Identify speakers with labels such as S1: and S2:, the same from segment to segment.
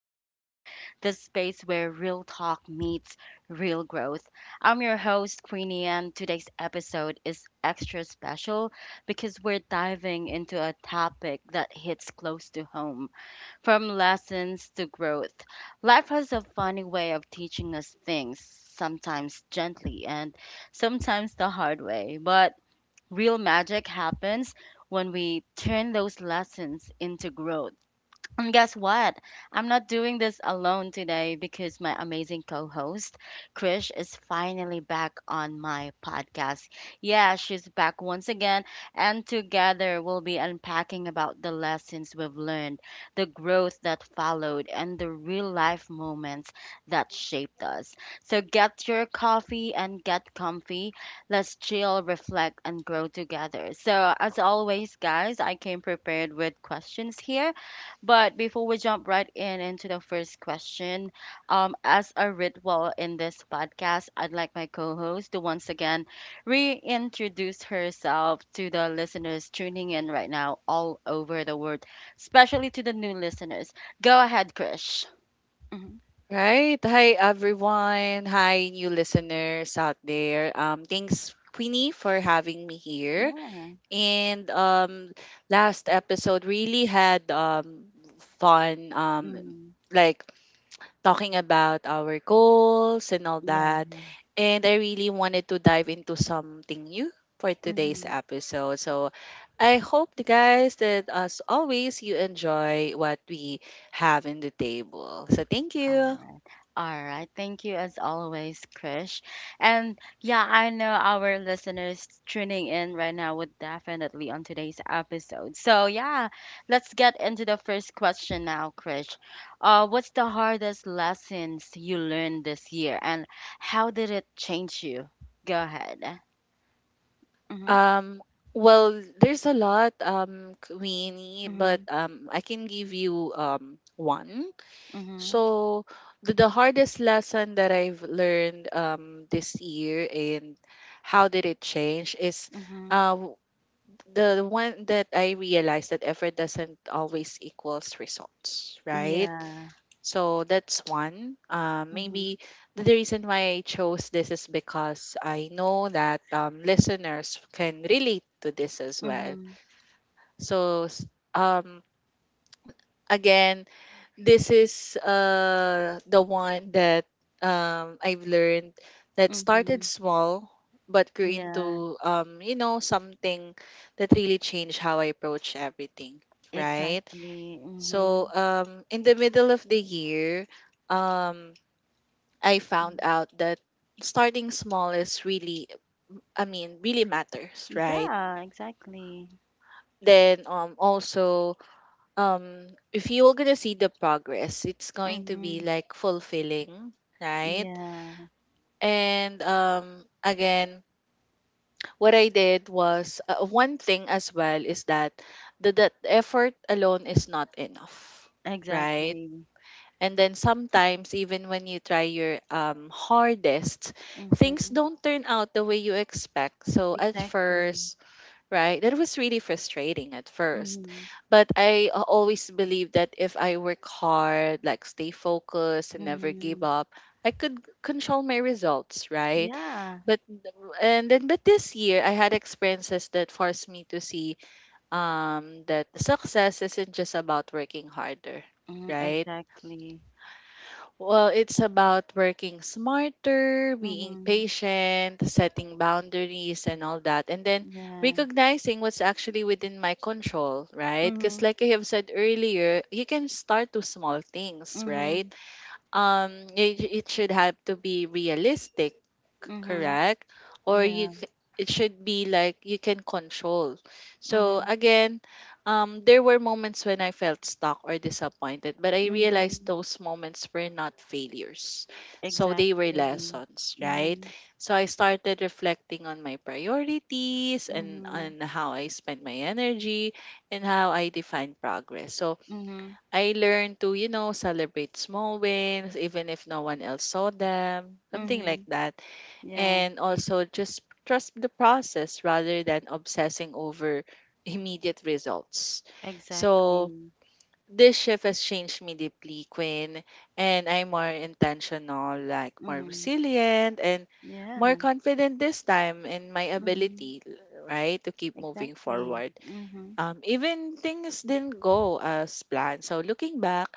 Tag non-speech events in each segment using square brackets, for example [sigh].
S1: Queenie, the space where real talk meets real growth. I'm your host, Queenie, and today's episode is extra special because we're diving into a topic that hits close to home, from lessons to growth. Life has a funny way of teaching us things, sometimes gently and sometimes the hard way, but real magic happens when we turn those lessons into growth. And guess what? I'm not doing this alone today, because my amazing co host, Krish, is finally back on my podcast. Yeah, she's back once again, and together we'll be unpacking about the lessons we've learned, the growth that followed, and the real life moments that shaped us. So get your coffee and get comfy. Let's chill, reflect, and grow together. So, as always, guys, I came prepared with questions here, but before we jump right in into the first question, as a ritual in this podcast, I'd like my co host to once again reintroduce herself to the listeners tuning in right now all over the world, especially to the new listeners. Go ahead, Krish. Mhm.
S2: Right. Hi, everyone. Hi, new listeners out there. Thanks, Queenie, for having me here.
S1: Yeah.
S2: And last episode really had fun.
S1: Hmm.
S2: Like talking about our goals and all
S1: Yeah.
S2: that. And I really wanted to dive into something new for today's
S1: Hmm.
S2: episode. So I hope, the guys, that as always you enjoy what we have in the table. So thank you.
S1: All right. Thank you as always, Krish. And yeah, I know our listeners tuning in right now would definitely on today's episode. So yeah, let's get into the first question now, Krish. What's the hardest lessons you learned this year, and how did it change you? Go ahead. Mm-hmm.
S2: Um, well, there's a lot, Queenie, but
S1: Mm-hmm.
S2: I can give you one.
S1: Mm-hmm.
S2: So the hardest lesson that I've learned this year and how did it change is
S1: Mm-hmm.
S2: uh w- the one that I realized that effort doesn't always equals results, right?
S1: Yeah.
S2: So that's one.
S1: Mm-hmm.
S2: Maybe the reason why I chose this is because I know that listeners can relate to this as well.
S1: Mm-hmm.
S2: So um, again, this is the one that I've learned that started
S1: Mm-hmm.
S2: small but grew
S1: Yeah.
S2: into you know something that really changed how I approach everything. Right.
S1: Exactly. Mm-hmm.
S2: So in the middle of the year, um I found
S1: Mm-hmm.
S2: out that starting small is really, I mean, really matters, right?
S1: Yeah, exactly.
S2: Then also if you're gonna see the progress, it's going to
S1: Mm-hmm.
S2: be like fulfilling, right?
S1: Yeah,
S2: And again, what I did was one thing as well is that the that effort alone is not enough, right?
S1: exactly.
S2: And then sometimes, even when you try your hardest, things
S1: Mm-hmm.
S2: don't turn out the way you expect. So at
S1: Exactly.
S2: first, right, that was really frustrating at first.
S1: Mm-hmm.
S2: But always believe that if I work hard, like stay focused and never
S1: Mm-hmm.
S2: give up, I could control my results, right?
S1: Yeah.
S2: But and then but this year I had experiences that forced me to see that success isn't just about working harder,
S1: Mm,
S2: right?
S1: exactly.
S2: Well, it's about working smarter, being
S1: Mm-hmm.
S2: patient, setting boundaries, and all that. And then
S1: Yeah.
S2: recognizing what's actually within my control, right? Because,
S1: Mm-hmm.
S2: like I have said earlier, you can start with small things, right?
S1: Mm-hmm.
S2: It should have to be realistic,
S1: Mm-hmm.
S2: correct? or you
S1: Yeah.
S2: c- it should be like you can control. So
S1: Mm-hmm.
S2: again, there were moments when I felt stuck or disappointed, but I realized
S1: Mm-hmm.
S2: those moments were not failures, so they were
S1: Exactly.
S2: lessons, right?
S1: Mm-hmm.
S2: So I started reflecting on my priorities and
S1: Mm-hmm.
S2: on how I spent my energy and how I define progress. So
S1: Mm-hmm.
S2: I learned to, you know, celebrate small wins, even if no one else saw them, something like
S1: Mm-hmm.
S2: that.
S1: Yeah,
S2: And also just trust the process rather than obsessing over [laughs] immediate results. So
S1: exactly.
S2: this shift has changed me deeply, Quinn, and I'm more intentional, like more
S1: Mm-hmm.
S2: resilient and more
S1: Yeah.
S2: confident this time in my
S1: Mm-hmm.
S2: ability, right, to keep moving
S1: Exactly.
S2: forward,
S1: Mm-hmm.
S2: even things didn't go as planned. So looking back,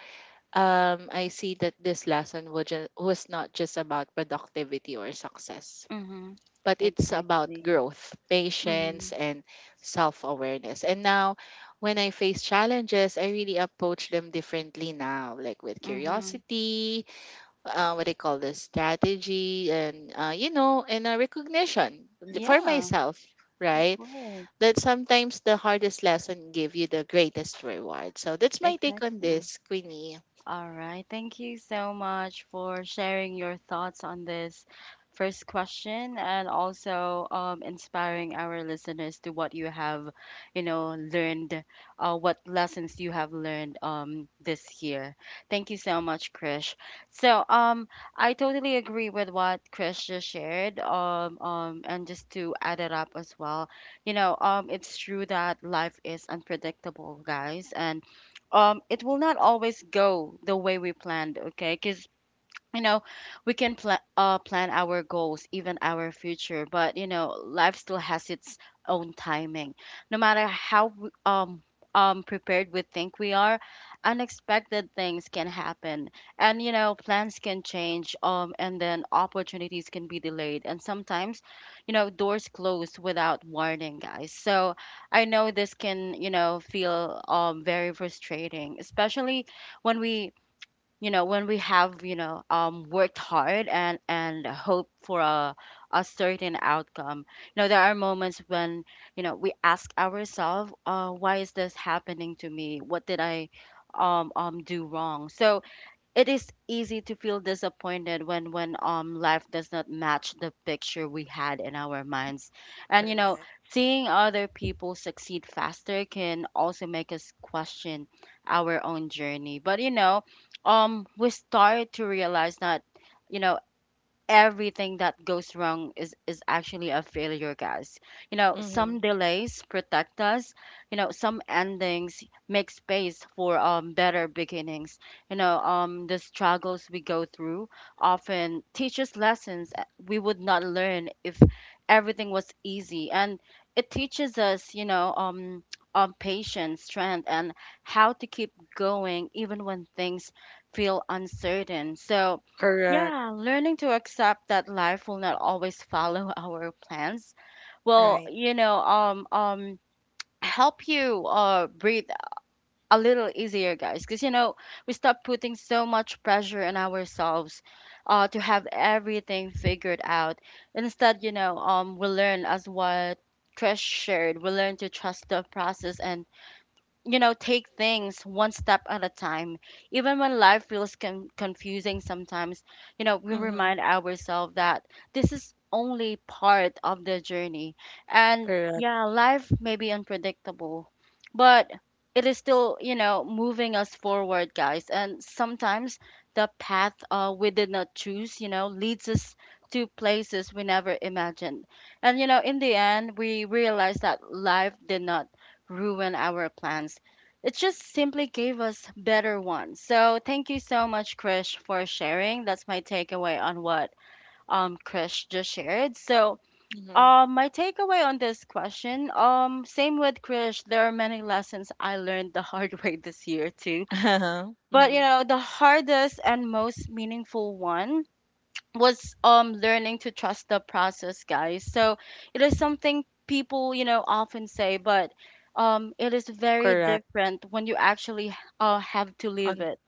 S2: I see that this lesson was, was not just about productivity or success,
S1: Mhm.
S2: but it's about
S1: Exactly.
S2: growth,
S1: Mhm.
S2: patience, and self awareness. And now, when I face challenges, I really approach them differently now, like with
S1: Mhm.
S2: curiosity, what I call the strategy, and, you know, and a recognition for
S1: Yeah,
S2: myself.
S1: of
S2: Right,
S1: course.
S2: that sometimes the hardest lesson give you the greatest reward. So that's my take on
S1: Exactly.
S2: this, Queenie.
S1: All right. Thank you so much for sharing your thoughts on this first question, and also inspiring our listeners to what you have, you know, learned, what lessons you have learned this year. Thank you so much, Krish. So I totally agree with what Krish just shared. And just to add it up as well, it's true that life is unpredictable, guys. And it will not always go the way we planned, okay? Because you know we can plan our goals, even our future, but life still has its own timing. No matter how prepared we think we are, unexpected things can happen, and plans can change, and then opportunities can be delayed, and sometimes, doors close without warning, guys. So I know this can, feel very frustrating, especially when we you know when we have, worked hard and hope for a certain outcome. There are moments when, we ask ourselves, why is this happening to me? What did I do wrong? So it is easy to feel disappointed when life does not match the picture we had in our minds. And
S2: Correct.
S1: seeing other people succeed faster can also make us question our own journey. But we start to realize that, you know everything that goes wrong is actually a failure, guys. Some delays protect us. Some endings make space for better beginnings. The struggles we go through often teach us lessons we would not learn if everything was easy. And it teaches us, patience, strength, and how to keep going even when things feel uncertain. So
S2: Correct,
S1: yeah, learning to accept that life will not always follow [laughs] our plans will,
S2: right.
S1: help you breathe a little easier, guys. Because we stop putting so much pressure on ourselves, to have everything figured out. Instead, we learn as what Trish shared. We learn to trust the process, and, take things one step at a time. Even when life feels confusing sometimes, we
S2: Mm-hmm.
S1: remind ourselves that this is only part of the journey. And
S2: Correct.
S1: yeah, life may be unpredictable, but it is still, moving us forward, guys. And sometimes the path, we did not choose, leads us to places we never imagined. And, in the end, we realize that life did not ruin our plans. It just simply gave us better ones. So thank you so much, Krish, for sharing. That's my takeaway on what Krish just shared. So
S2: Mm-hmm.
S1: um my takeaway on this question, same with Krish, there are many lessons I learned the hard [laughs] way this year too.
S2: Uh-huh.
S1: But
S2: Mm-hmm.
S1: the hardest and most meaningful one was learning to trust the process, guys. So it is something people, often say, but it is very
S2: Correct.
S1: different when you actually have to live
S2: On
S1: it.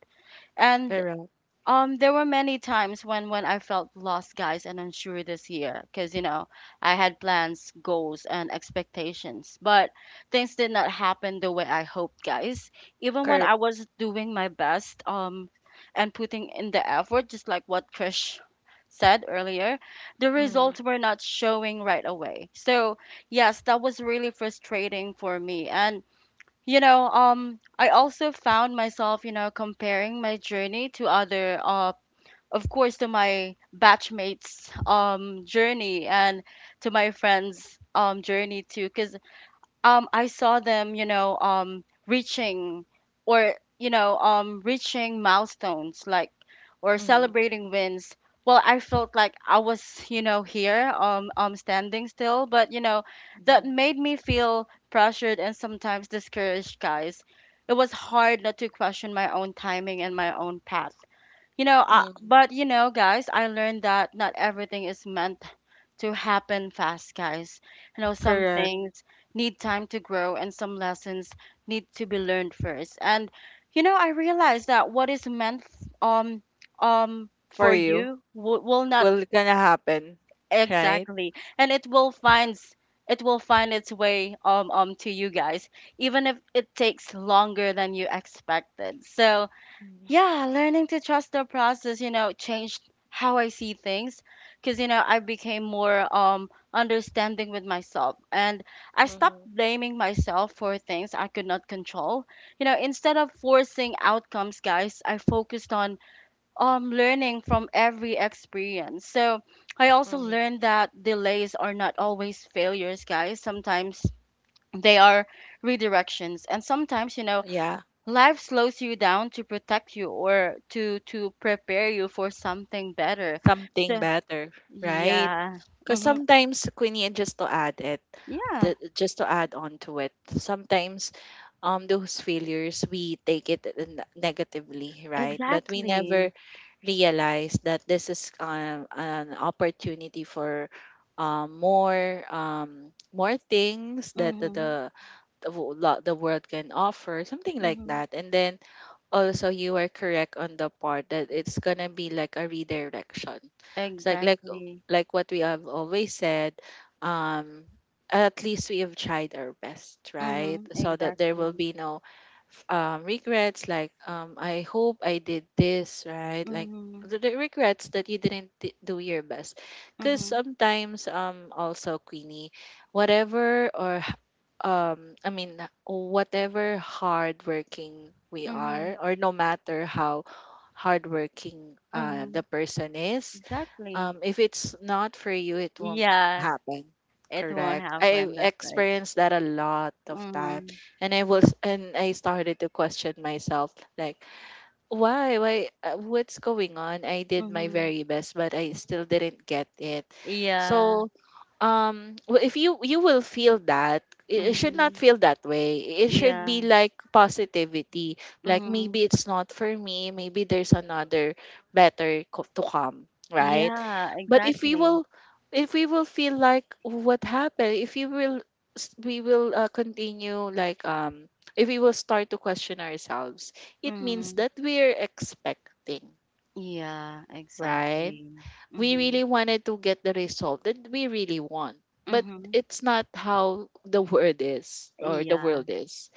S1: And
S2: correct.
S1: there were many times when I felt lost, guys, and unsure this year, because I had plans, goals, and expectations, but things did not happen the way I hoped, guys. Even when
S2: Correct.
S1: I was doing my best, and putting in the effort, just like what Krish said earlier, the
S2: Mm-hmm.
S1: results were not showing right away. So yes, that was really frustrating for me, and, I also found myself, comparing my journey to other of course, to my batchmates' journey, and to my friends' journey too, because, I saw them, reaching, or reaching milestones, like, or
S2: Mm-hmm.
S1: celebrating wins. Well, I felt like I was, here, standing still, but that
S2: Mm-hmm.
S1: made me feel pressured and sometimes discouraged, guys. It was hard not to question my own timing and my own path,
S2: Mm-hmm.
S1: but, guys, I learned that not everything is meant to happen fast, guys. Some
S2: Correct.
S1: things need time to grow, and some lessons need to be learned first. And, I realized that what is meant um
S2: For
S1: for
S2: you.
S1: you will not.
S2: Will gonna happen. Right?
S1: Exactly. And it will find its way to you, guys, even if it takes longer than you expected. So,
S2: Mm-hmm.
S1: yeah, learning to trust the process, changed how I see things, because, I became more understanding with myself, and I stopped
S2: Mm-hmm.
S1: blaming myself for things I could not control. Instead of forcing outcomes, guys, I focused on learning from every experience. So, I also learned
S2: Mm-hmm.
S1: that delays are not always failures, guys. Sometimes they are redirections, and sometimes
S2: Yeah.
S1: life slows you down to protect you, or to prepare you for something better.
S2: Something
S1: So
S2: better. Right?
S1: yeah.
S2: Because
S1: Mm-hmm.
S2: sometimes, Queenie, and just to add it,
S1: Yeah,
S2: just to add on to it, sometimes those failures we take it negatively, right? But we
S1: exactly.
S2: never realize that this is an opportunity for more things that the the,
S1: Mm-hmm.
S2: the wo- lo- the world can offer, something like
S1: Mm-hmm.
S2: that. And then also you are correct on the part that it's gonna be like a redirection. It's like like
S1: Exactly.
S2: like what we have always said. um at least we have tried our best, right?
S1: Mm-hmm.
S2: So that there will
S1: Exactly.
S2: be no regrets, like I hope I did this right, like
S1: Mm-hmm.
S2: the regrets that you didn't do your best. Because
S1: Mm-hmm.
S2: sometimes, also Queenie, whatever or I mean, whatever hardworking we are,
S1: Mm-hmm.
S2: or no matter how hardworking
S1: Mm-hmm.
S2: the person is,
S1: Exactly.
S2: if it's not for you, it won't
S1: Yeah,
S2: happen.
S1: it won't
S2: Correct, I
S1: happen. That's right.
S2: experienced that a lot of time.
S1: Mm-hmm.
S2: And I started to question myself, like, why? Why? What's going on? I did my
S1: Mm-hmm.
S2: very best, but I still didn't get it.
S1: Yeah.
S2: So, if you will feel that, it should not
S1: Mm-hmm.
S2: feel that way. It should
S1: Yeah.
S2: be like positivity. Like,
S1: Mm-hmm.
S2: maybe it's not for me. Maybe there's another better to come, right?
S1: Yeah,
S2: But
S1: exactly.
S2: if we will feel like what happened, if you will, we will continue like if we will start to question ourselves, it means
S1: Mm-hmm.
S2: that we're expecting,
S1: Yeah,
S2: right?
S1: exactly.
S2: We
S1: Mm-hmm.
S2: really wanted to get the result that we really want. But
S1: Mm-hmm.
S2: it's not how the world is or the
S1: Yeah,
S2: world is.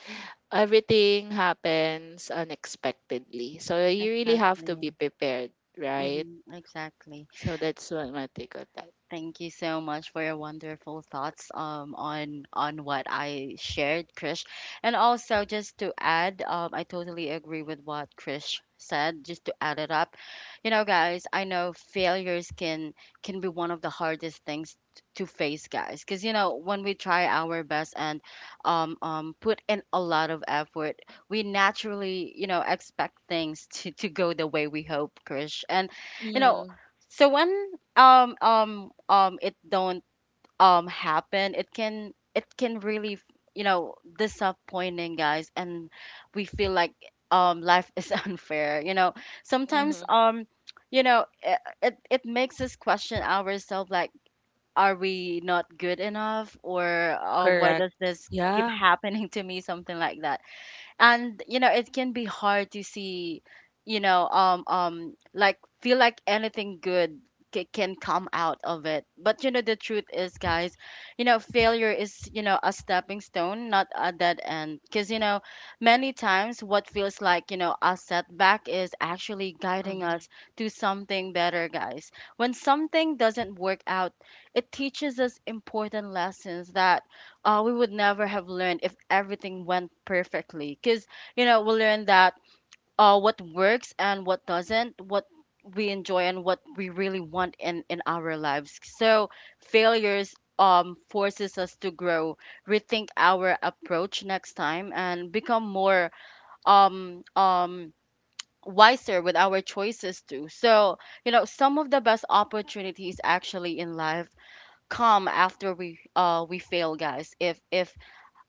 S2: Everything happens unexpectedly. So you really have to be
S1: exactly.
S2: prepared, right?
S1: Mm-hmm. Exactly.
S2: So that's what my take on that.
S1: Thank you so much for your wonderful thoughts on what I shared, Krish. And also, just to add, I totally agree with what Krish said. Just to add it up, guys, I know failures can be one of the hardest things to face, guys, because when we try our best and, put in a lot of effort, we naturally, expect things [laughs] to go the way we hope, Krish. And you know
S2: Mm,
S1: so when, it don't, happen, it can really, disappointing, guys. And we feel like life is [laughs] unfair,
S2: mm-hmm.
S1: sometimes. It, it makes us question ourselves, like, are we not good enough, or why
S2: Correct.
S1: does this keep
S2: Yeah.
S1: happening to me, something like that. And it can be hard to see, like, feel like anything good can come out of it. But the truth is, guys, failure is, a stepping stone, not a dead end. Because many times, what feels like, a setback, is actually guiding
S2: Mhm.
S1: us to something better, guys. When something doesn't work out, it teaches us important lessons that, we would never have learned if everything went perfectly. Because, we learned that, what works and what doesn't, what we enjoy and what we really want in our lives. So failures, forces us to grow, rethink our approach next time, and become more, um, um, wiser with our choices too. So, some of the best opportunities actually in life come after we fail, guys. If if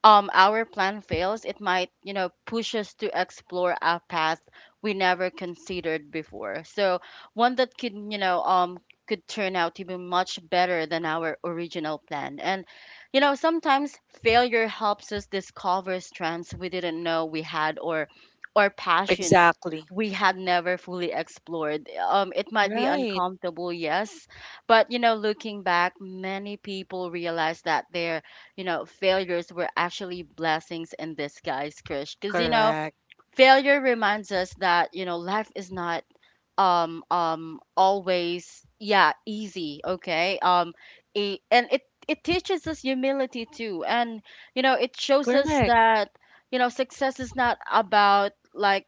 S1: um our plan fails, it might, push us to explore a path we never considered before. So one that could, could turn out to be much better than our original plan. And sometimes failure helps us discover strengths we didn't know we had or passion
S2: Exactly.
S1: we had never fully explored. It might be
S2: Right.
S1: uncomfortable, yes, but looking back, many people realize that their failures were actually blessings in disguise, Krish. Because,
S2: Correct.
S1: failure reminds us that, life is not always, yeah, easy. Okay. It, and it it teaches us humility too. And it shows us
S2: Correct.
S1: that, success is not about, like,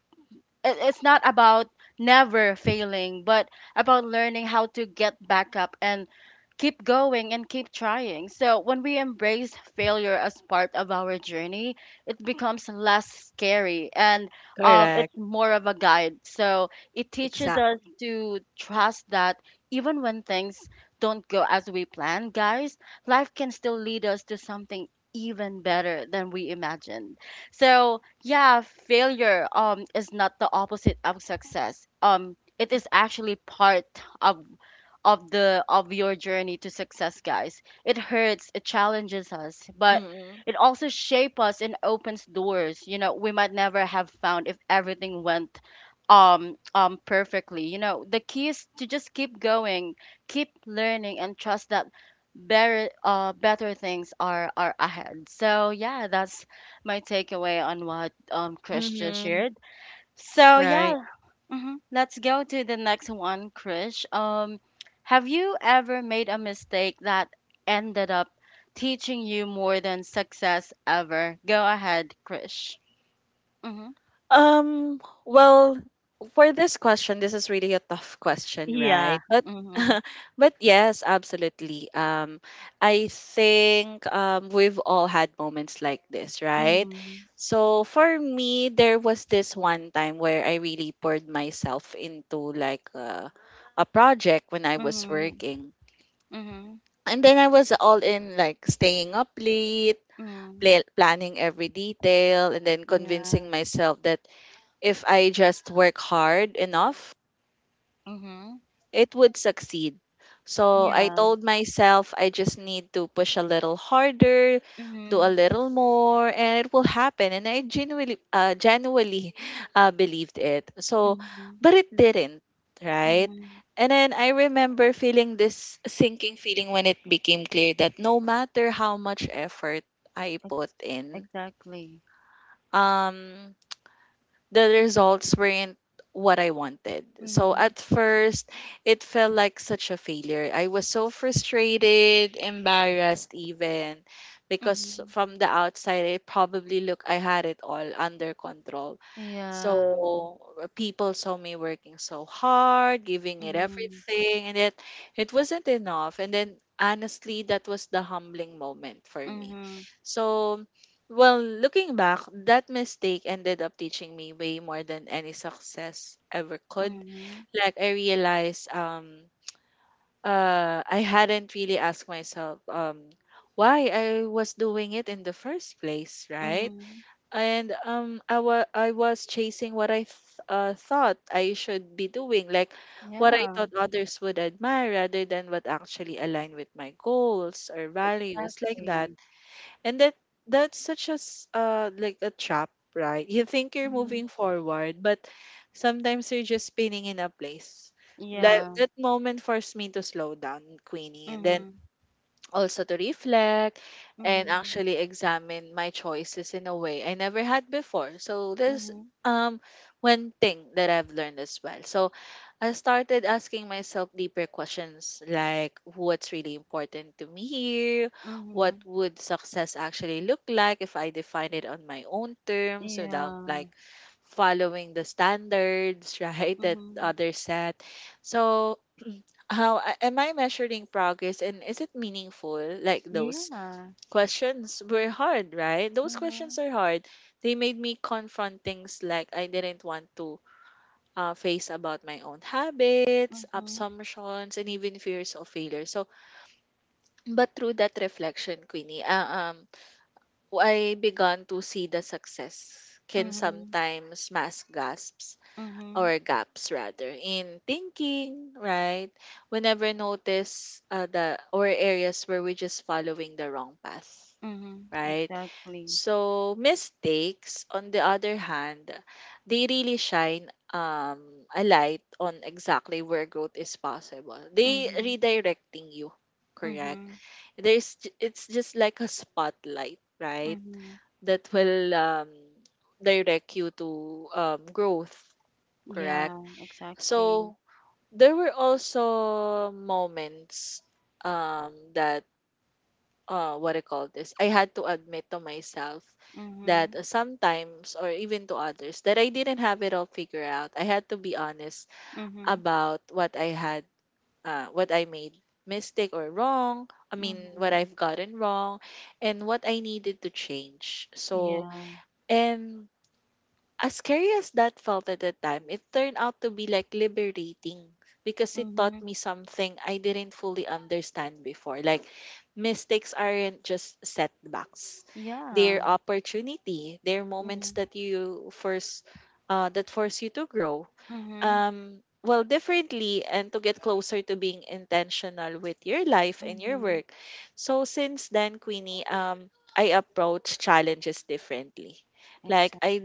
S1: it's not about never failing, but about learning how to get back up and keep going and keep trying. So when we embrace failure as part of our journey, it becomes less scary and,
S2: Correct.
S1: it's more of a guide. So it teaches us
S2: Exactly.
S1: to trust that even when things don't go as we plan, guys, life can still lead us to something even better than we imagined. So yeah, failure is not the opposite of success. It is actually part of of your journey to success, guys. It hurts, it challenges us, but
S2: Mhm.
S1: it also shapes us and opens doors. You know, we might never have found if everything went perfectly. You know, the key is to just keep going, keep learning, and trust that better things are ahead. So yeah, that's my takeaway on what Chris just shared. So
S2: Right.
S1: yeah. Mhm. Let's go to the next one, Krish. Have you ever made a mistake that ended up teaching you more than success ever? Go ahead, Krish. Mm-hmm.
S2: Well, for this question, this is really a tough question,
S1: Yeah.
S2: right? But
S1: Mm-hmm.
S2: [laughs] but yes, absolutely. I think we've all had moments like this, right?
S1: Mm-hmm.
S2: So for me, there was this one time where I really poured myself into like a project when I was
S1: Mm-hmm.
S2: working.
S1: Mm-hmm.
S2: And then I was all in, like staying up late,
S1: Mm-hmm.
S2: planning every detail, and then
S1: Yeah.
S2: convincing myself that if I just work hard enough,
S1: Mm-hmm.
S2: it would succeed. So I
S1: Yeah.
S2: told myself I just need to push a little harder, do
S1: Mm-hmm.
S2: a little more, and it will happen. And I genuinely, genuinely [laughs] believed it. So,
S1: Mm-hmm.
S2: but it didn't, right?
S1: Mm-hmm.
S2: And then I remember feeling this sinking feeling when it became clear that no matter how much effort I put
S1: Ex-
S2: in,
S1: exactly.
S2: um the results weren't what I wanted. So
S1: Mm-hmm.
S2: at first, it felt like such a failure. I was so frustrated, embarrassed, even, because
S1: Mm-hmm.
S2: from the outside, it probably looked I had it all under control.
S1: Yeah.
S2: So people saw me working so hard, giving it
S1: Mm-hmm.
S2: everything, and yet it wasn't enough. And then honestly, that was the humbling moment for me.
S1: Mm-hmm.
S2: So, well, looking back, that mistake ended up teaching me way more than any success ever could.
S1: Mm-hmm.
S2: Like I realized I hadn't really asked myself why I was doing it in the first place, right?
S1: Mm-hmm.
S2: and I wa I was chasing what I th thought I should be doing, like what I
S1: Yeah.
S2: thought others would admire rather than what actually aligned with my goals or values, like that.
S1: Exactly.
S2: And that's such a like a trap, right? You think you're
S1: Mhm.
S2: moving forward, but sometimes you're just spinning in a place. Like,
S1: Yeah.
S2: that moment forced me to slow down, Queenie, and then
S1: Mhm.
S2: also to reflect and
S1: Mhm.
S2: actually examine my choices in a way I never had before. So there's
S1: Mhm.
S2: um one thing that I've learned as well. So I started asking myself deeper questions, like, what's really important to me here? What
S1: Mhm.
S2: would success actually look like if I define it on my own terms without
S1: Yeah.
S2: like following the standards, [laughs] right, that
S1: Mhm.
S2: others set. So am I measuring progress, and is it meaningful? Like, those
S1: Yeah.
S2: questions were hard, right? Those
S1: Mhm.
S2: questions are hard. They made me confront things like I didn't want to face about my own habits,
S1: Mhm.
S2: assumptions, and even fears of failure. So, but through that reflection, Queenie, I began to see the success can
S1: Mhm.
S2: sometimes mask gasps
S1: Mhm.
S2: or gaps rather in thinking, right? We never notice the or areas where we're just following the wrong path,
S1: Mhm.
S2: right?
S1: Exactly.
S2: So mistakes, on the other hand, they really shine a light on exactly where growth is possible. They
S1: Mhm.
S2: redirecting you, correct?
S1: Mhm.
S2: There's it's just like a spotlight, right?
S1: Mhm.
S2: That will direct you to growth, correct?
S1: Yeah. Exactly.
S2: So there were also moments um, that what I call this, I had to admit to myself that
S1: Mhm.
S2: sometimes, or even to others, that I didn't have it all figured out. I had to be honest
S1: Mhm.
S2: about what I had, what I made mistake or wrong. I mean, what
S1: Mhm.
S2: I've gotten wrong, and what I needed to change. So,
S1: Yeah.
S2: and as scary as that felt at the time, it turned out to be like liberating, because it taught
S1: Mhm.
S2: me something I didn't fully understand before. Like, mistakes aren't just setbacks,
S1: Yeah.
S2: they're opportunity, they're moments
S1: Mhm.
S2: that you force, that force you to grow
S1: Mhm.
S2: well differently and to get closer to being intentional with your life and your
S1: Mhm.
S2: work. So since then, Queenie, I approach challenges differently. Like
S1: Exactly.
S2: I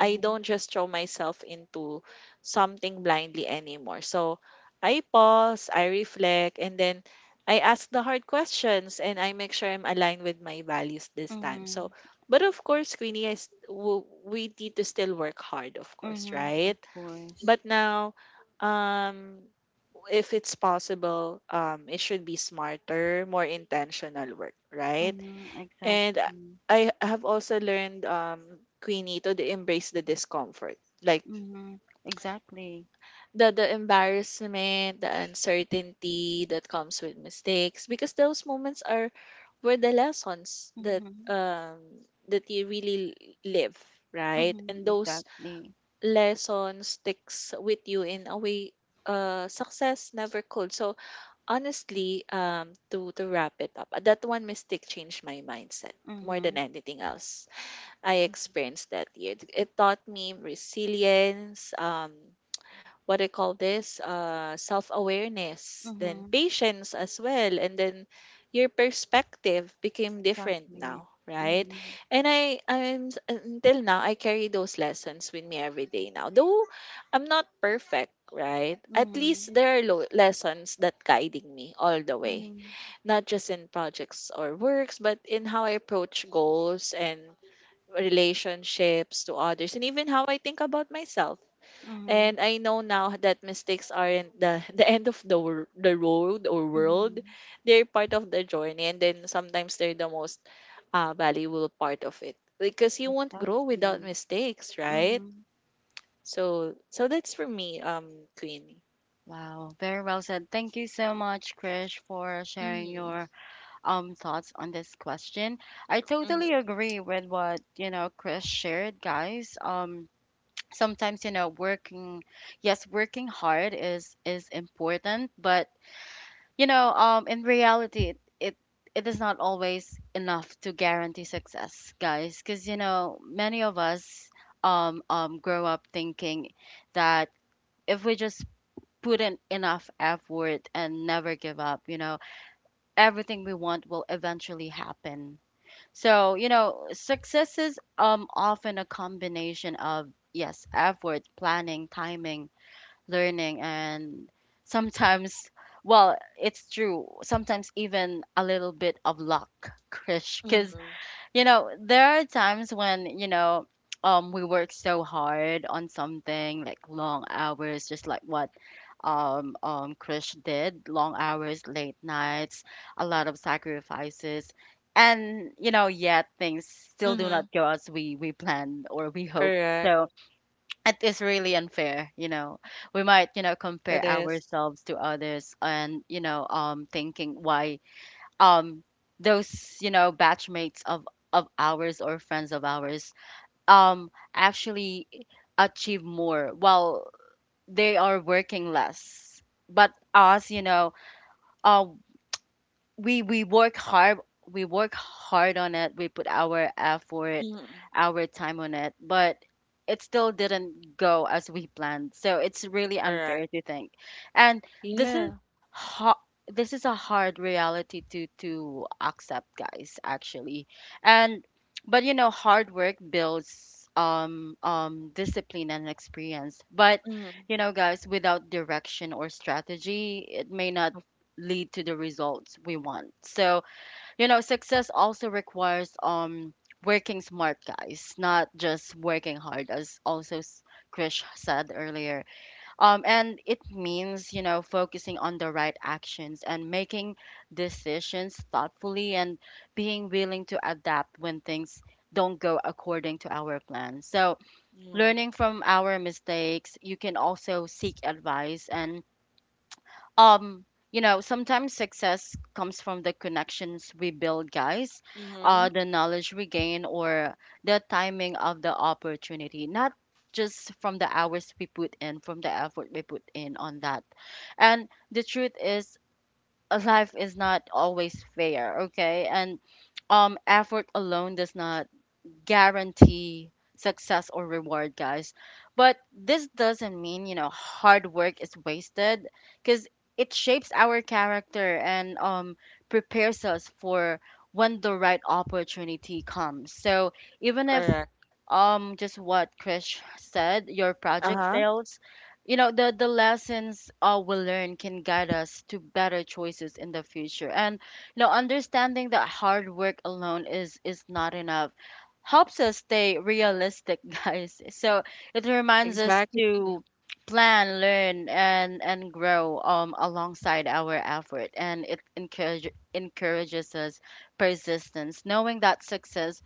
S2: I don't just throw myself into something blindly anymore. So I pause, I reflect, and then I ask the hard questions and I make sure I'm aligned with my values this time. So
S1: Mhm.
S2: but of course, Queenie, we need to still work hard, of course,
S1: Mhm. Of
S2: right?
S1: course.
S2: But now, um, if it's possible, it should be smarter, more intentional work, right?
S1: Mhm,
S2: And I
S1: exactly.
S2: I have also learned, Queenie, to the embrace the discomfort, like
S1: Mhm, exactly.
S2: the embarrassment, the uncertainty that comes with mistakes, because those moments are were the lessons that
S1: Mhm,
S2: that you really live, right?
S1: mhm,
S2: And those
S1: exactly.
S2: lesson sticks with you in a way success never could. So honestly, to wrap it up, that one mistake changed my mindset more than
S1: Mhm,
S2: anything else I experienced that year. It taught me resilience, what I call this, self awareness, then
S1: mhm,
S2: patience as well. And then your perspective became different
S1: exactly.
S2: now, right?
S1: Mhm,
S2: And I, I'm, s- Until now, I carry those lessons with me every day now. Though I'm not perfect, right? At least
S1: mhm,
S2: there are lessons that guiding me all the way,
S1: mhm,
S2: not just in projects or works, but in how I approach goals and relationships to others and even how I think about myself.
S1: mhm,
S2: And I know now that mistakes aren't [laughs] the end of the, the road or world.
S1: mhm,
S2: They're part of the journey, and then sometimes they're the most valuable part of it because you won't grow without
S1: exactly.
S2: mistakes, right?
S1: Mhm.
S2: So, so that's for me, Queenie.
S1: Wow, very well said. Thank you so much, Krish, for sharing your
S2: Mm-hmm.
S1: thoughts on this question. I totally
S2: Mm-hmm.
S1: agree with what, Krish shared, guys. Sometimes, working, yes working hard is important, but in reality it is not always enough to guarantee success, guys, because many of us grow up thinking that if we just put in enough effort and never give up, everything we want will eventually happen. So, success is often a combination of, yes, effort, planning, timing, learning, and sometimes, well, it's true, sometimes even a little bit of luck, Krish. Because
S2: Mm-hmm.
S1: there are times when, we work so hard on something, like long hours, just like what Krish did: long hours, late nights, a lot of sacrifices. And yet things still do not
S2: Mm-hmm.
S1: go as we planned or we hope.
S2: Correct.
S1: It is really unfair, we might, compare
S2: It is.
S1: ourselves to others and, thinking why um those, batchmates of ours or friends of ours actually achieve more while they are working less. But us, uh we work hard, we work hard on it, we put our effort,
S2: Mm-hmm.
S1: our time on it, but it still didn't go as we planned. So it's really
S2: Correct.
S1: unfair to think. And this is
S2: Yeah.
S1: ho- this is a hard reality to accept, guys, actually. And but hard work builds discipline and experience. But
S2: Mm-hmm.
S1: guys, without direction or strategy, it may not lead to the results we want. So, success also requires working smart, guys, not just working hard, as also Krish said earlier. And it means, focusing on the right actions and making decisions thoughtfully and being willing to adapt when things don't go according to our plan. So,
S2: Mm-hmm.
S1: learning from our mistakes, you can also seek advice and um sometimes success comes from the connections we build, guys, uh,
S2: Mm-hmm.
S1: the knowledge we gain, or the timing of the opportunity, not just from the hours we put in, from the effort we put in on that. And the truth is, life is not always fair. Okay. And effort alone does not guarantee success or reward, guys. But this doesn't mean, hard work is wasted, because it shapes our character and, prepares us for when the right opportunity comes. So even if
S2: Correct.
S1: just what Krish said, your
S2: Uh
S1: project
S2: huh.
S1: fails, the lessons, we learn can guide us to better choices in the future. And understanding that hard work alone is not enough helps us stay realistic, [laughs] guys. So it reminds us
S2: Exactly.
S1: to plan, learn, and grow alongside our effort, and it encourages us persistence, knowing that success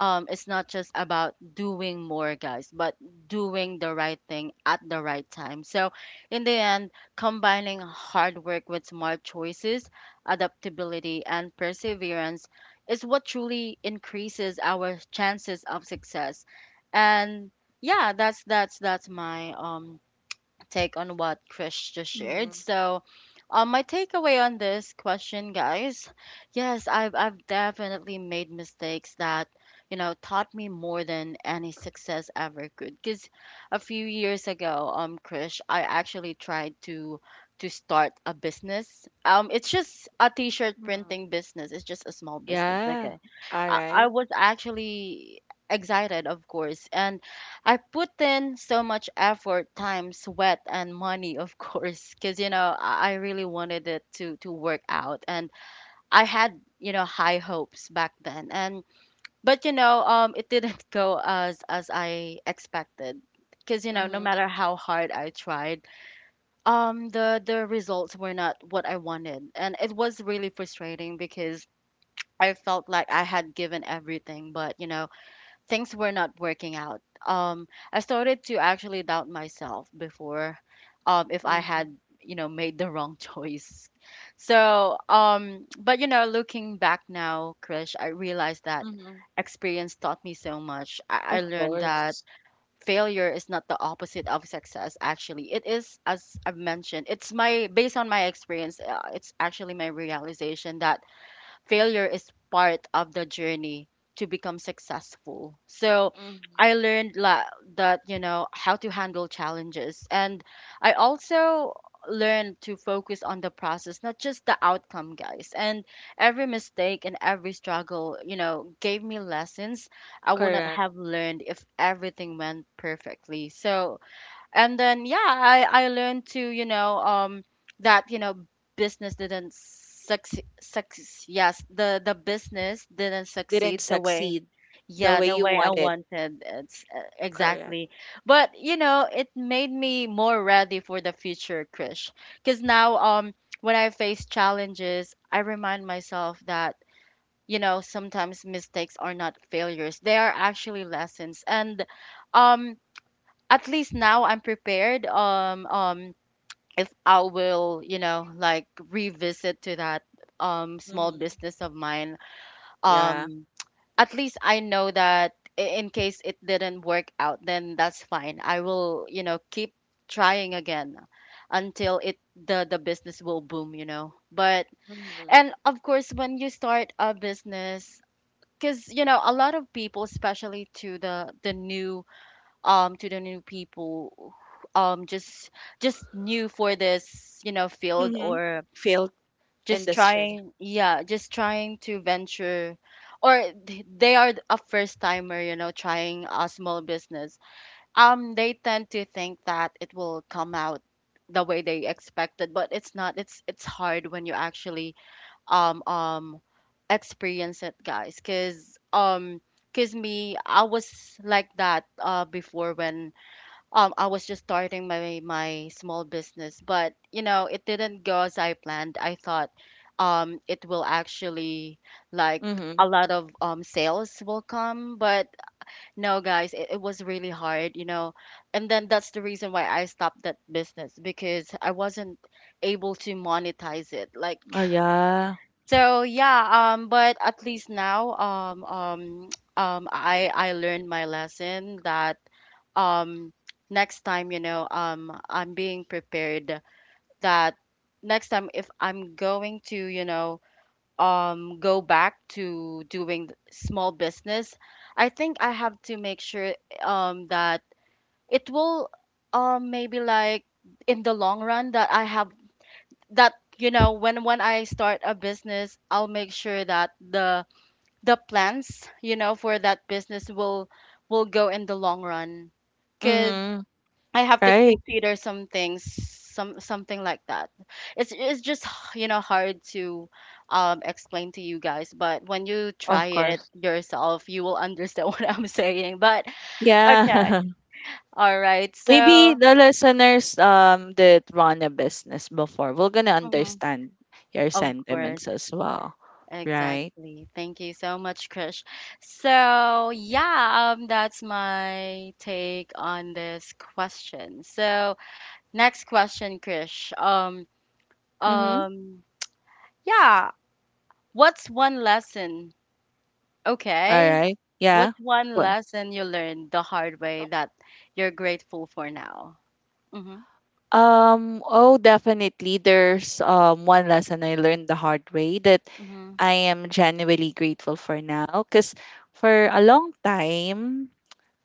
S1: is not just about doing more, guys, but doing the right thing at the right time. So in the end, combining hard work with smart choices, adaptability, and perseverance is what truly increases our chances of success. And yeah, that's my take on what Chris just shared.
S2: Mm-hmm.
S1: So, my takeaway on this question, guys: yes, I've definitely made mistakes that taught me more than any success ever could. Because a few years ago, Chris, I actually tried to start a business. It's just a t-shirt printing business. It's just a small business.
S2: Yeah.
S1: Okay,
S2: All
S1: I
S2: right.
S1: was actually excited, of course, and I put in so much effort, time, sweat, and money, of [laughs] course, because I really wanted it to work out, and I had, high hopes back then. And but it didn't [laughs] go as I expected, because no
S2: Mm-hmm.
S1: matter how hard I tried, the results were not what I wanted, and it was really frustrating because I felt like I had given everything, but things were not working out. I started to actually doubt myself before, if I
S2: Mm-hmm.
S1: had, made the wrong [laughs] choice. So, but looking back now, Krish, I realized that
S2: Mm-hmm.
S1: experience taught me so much. I
S2: Of
S1: learned that
S2: course.
S1: failure is not the opposite of success. Actually, it is, as I've mentioned, it's my based on my experience. It's actually my realization that failure is part of the journey to become successful. So
S2: Mm-hmm.
S1: I learned that, how to handle challenges. And I also learned to focus on the process, not just the outcome, guys. And every mistake and every struggle, gave me lessons I would not
S2: Correct.
S1: have learned if everything went perfectly. So and then yeah, I learned to, that, business didn't succeed success, yes, the business didn't succeed
S2: Didn't
S1: the way,
S2: succeed the
S1: yeah,
S2: way
S1: the
S2: you
S1: way I
S2: want it.
S1: wanted, it's,
S2: Correct.
S1: exactly, but it made me more ready for the future, Krish, because now when I face challenges I remind myself that, sometimes mistakes are not failures, they are actually lessons. And um at least now I'm prepared. If I will, like revisit to that small
S2: Mm-hmm.
S1: business of mine,
S2: Yeah.
S1: um, at least I know that, in case it didn't work out, then that's fine. I will, keep trying again until it the business will boom, you know. But
S2: Mm-hmm.
S1: and of course, when you start a business, because a lot of people, especially to the new to the new people um just just new for this, field
S2: Mm-hmm.
S1: or
S2: Failed
S1: just
S2: industry.
S1: trying, yeah, just trying to venture, or they are a first timer, trying a small business, they tend to think that it will come out the way they expected, but it's not, it's it's hard when you actually um um experience it, guys, because me, I was like that, uh, before when, I was just starting my small business, but it didn't go as I planned. I thought, it will actually, like,
S2: Mm-hmm.
S1: a lot of, sales will come, but no, guys, it was really hard, you know. And then that's the reason why I stopped that business, because I wasn't able to monetize it. Like,
S2: Oh yeah.
S1: so yeah, but at least now, [tsk] I learned my lesson that um next time, you know, I'm being prepared, that next time if I'm going to, you know, go back to doing small business, I think I have to make sure that it will, maybe like, in the long run, that I have, that, you know, when I start a business, I'll make sure that the plans, you know, for that business will go in the long run.
S2: Mm-hmm.
S1: I have to
S2: Right.
S1: consider some things, some something like that. It's just [sighs] hard to explain to you guys, but when you try
S2: Of
S1: it
S2: course.
S1: yourself, you will understand [laughs] what I'm saying. But
S2: Yeah.
S1: okay, all right.
S2: [laughs] Maybe
S1: So,
S2: the listeners that run a business before will gonna
S1: mhm,
S2: understand your
S1: of course,
S2: sentiments as well. Right?
S1: exactly. Thank you so much, Krish. So yeah, that's my take on this question. So next question, Krish.
S2: Mm-hmm.
S1: Um. Yeah, what's one lesson?
S2: All
S1: Okay.
S2: right. Yeah.
S1: What's one lesson you learned the hard way that you're grateful for now? Mhm.
S2: Oh, definitely. There's one lesson I learned the hard way that
S1: Mhm.
S2: I am genuinely grateful for now. Cause for a long time,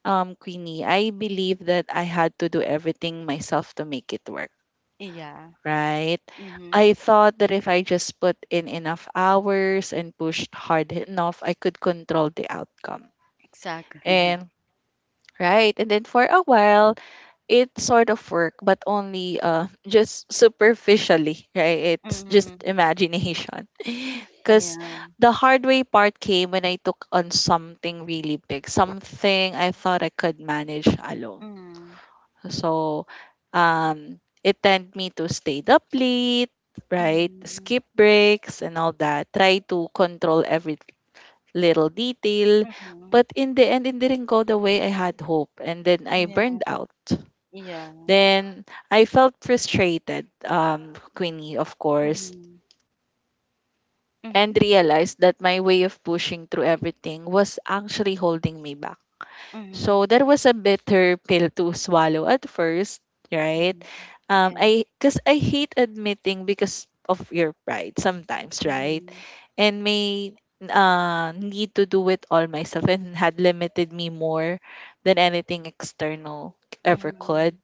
S2: Queenie, I believed that I had to do everything myself to make it work.
S1: Yeah.
S2: Right?
S1: Mhm.
S2: I thought that if I just put in enough hours and pushed hard enough, I could control the outcome.
S1: Exactly.
S2: And
S1: [laughs]
S2: right, and then for a while, it sort of work but only just superficially, right? It's just
S1: Mhm.
S2: imagination, because
S1: Yeah.
S2: the hard way part came when I took on something really big, something I thought I could manage alone.
S1: Mhm.
S2: So um it tend me to stay up late, right?
S1: Mhm.
S2: Skip breaks and all that, try to control every little detail,
S1: Mhm.
S2: but in the end it didn't go the way I had hoped, and then I
S1: Yeah.
S2: burned out.
S1: Yeah. That-
S2: Then I felt frustrated, Queenie, of course,
S1: Mhm. Mhm.
S2: and realized that my way of pushing through everything was actually holding me back.
S1: Mhm.
S2: So that was a bitter pill to swallow at first, right?
S1: Mhm. Yeah.
S2: I because I hate admitting because of your pride sometimes, right?
S1: Mhm.
S2: And may need to do it all myself and had limited me more than anything external ever could.
S1: Mhm.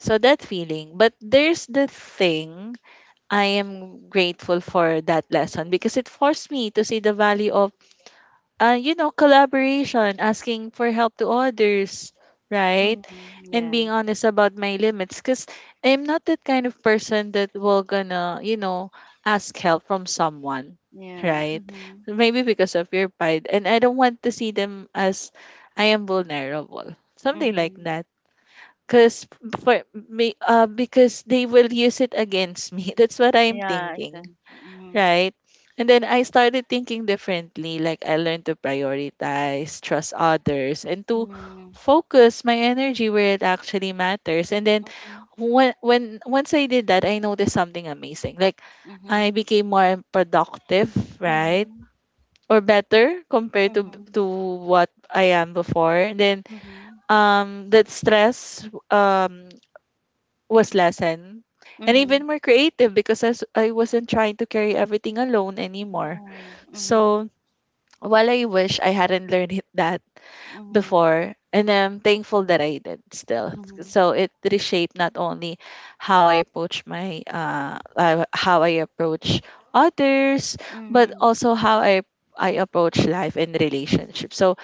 S2: So that feeling. But there's the thing, I am grateful for that lesson because it forced me to see the value of, you know, collaboration, asking for help to others, right?
S1: Mhm.
S2: And
S1: Yeah.
S2: being honest about my limits, because I'm not that kind of person that will gonna, you know, ask help from someone,
S1: Yeah.
S2: right?
S1: Mhm.
S2: Maybe because of your pride. And I don't want to see them as I am vulnerable, something like
S1: Mhm.
S2: that. Because for me, because they will use it against me. [laughs] That's what I'm
S1: Yeah.
S2: thinking.
S1: Exactly. Mhm.
S2: Right. And then I started thinking differently. Like I learned to prioritize, trust others, and to
S1: Mhm.
S2: focus my energy where it actually matters. And then
S1: Mhm.
S2: when once I did that, I noticed something amazing. Like
S1: Mhm.
S2: I became more productive, right?
S1: Mhm,
S2: Or better compared to
S1: mhm,
S2: to what I am before. And then
S1: mhm,
S2: that stress was lessened. And
S1: mhm.
S2: even more creative because I wasn't trying to carry everything alone anymore.
S1: Yeah. Mhm,
S2: So while I wish I hadn't that
S1: mhm,
S2: before, and I'm thankful that I did still.
S1: mhm,
S2: So it reshaped not only how I approach my how I approach others, but
S1: mhm,
S2: also how I approach life and relationships. So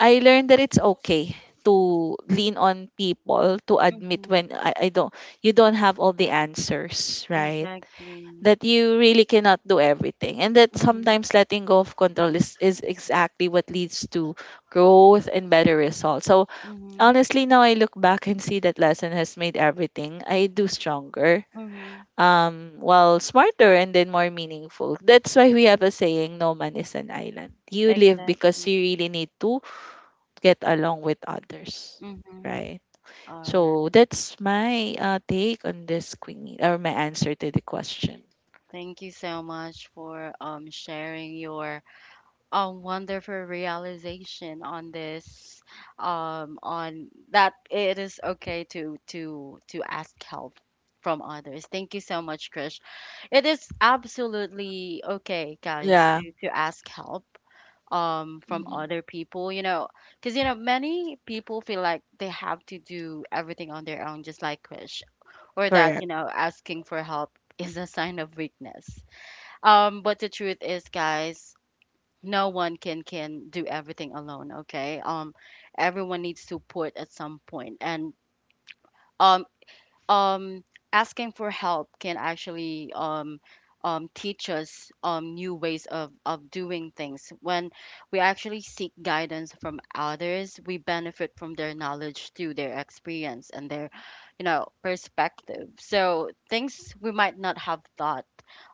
S2: I learned that it's okay to lean on people, to admit
S1: mhm.
S2: when I don't you don't have all the answers, right?
S1: Exactly.
S2: That you really cannot do everything, and that
S1: Mhm,
S2: sometimes letting go of control is exactly what leads to growth and better results. So
S1: mhm,
S2: honestly now I look back and see that lesson has made everything I do stronger,
S1: mhm.
S2: well smarter, and then more meaningful. That's why we have a saying, no man is an island. You live because
S1: Exactly.
S2: you really need to get along with others,
S1: Mhm.
S2: right?
S1: All
S2: So
S1: right.
S2: that's my take on this Queenie, or my answer to the question.
S1: Thank you so much for sharing your wonderful realization on this, on that it is okay to ask help from others. Thank you so much, Krish. It is absolutely okay, guys,
S2: Yeah.
S1: to ask help from
S2: Mhm.
S1: other people, you know, because many people feel like they have to do everything on their own, just like Krish, or that
S2: Correct.
S1: asking for help is a sign of weakness. But the truth is, guys, no one can do everything alone, okay. Everyone needs support at some point, and um um, asking for help can actually, teach us new ways of, doing things. When we actually seek guidance from others, we benefit from their knowledge through their experience and their, perspective. So things we might not have thought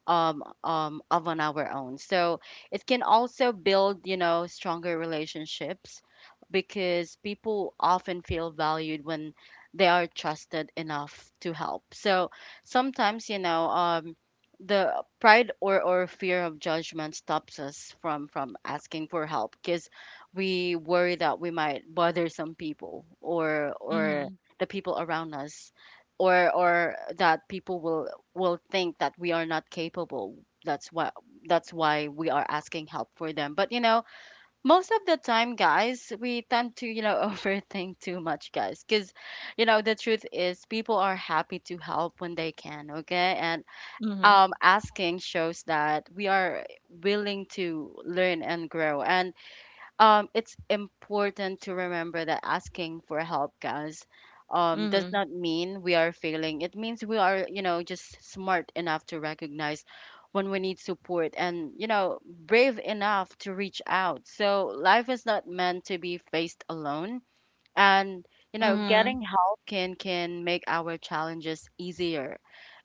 S1: of on our own. So it can also build, stronger relationships, because people often feel valued when they are trusted enough to help. So sometimes, the pride, or fear of judgment stops us from asking for help, because we worry that we might bother some people, or
S2: Mhm,
S1: the people around us, or that people will think that we are not capable. that's why that's why we are asking help for them. But, you know, most of the time, guys, we tend to, [laughs] overthink too much, guys, because, you know, the truth is, people are happy to help when they can, okay. And
S2: mhm,
S1: asking shows that we are willing to learn and grow. And, it's important to remember that asking for help, guys, does
S2: mhm,
S1: not mean we are failing. It means we are, just smart enough to recognize when we need support, and, brave enough to reach out. So life is not meant to be faced alone. And,
S2: mhm,
S1: getting help can make our challenges easier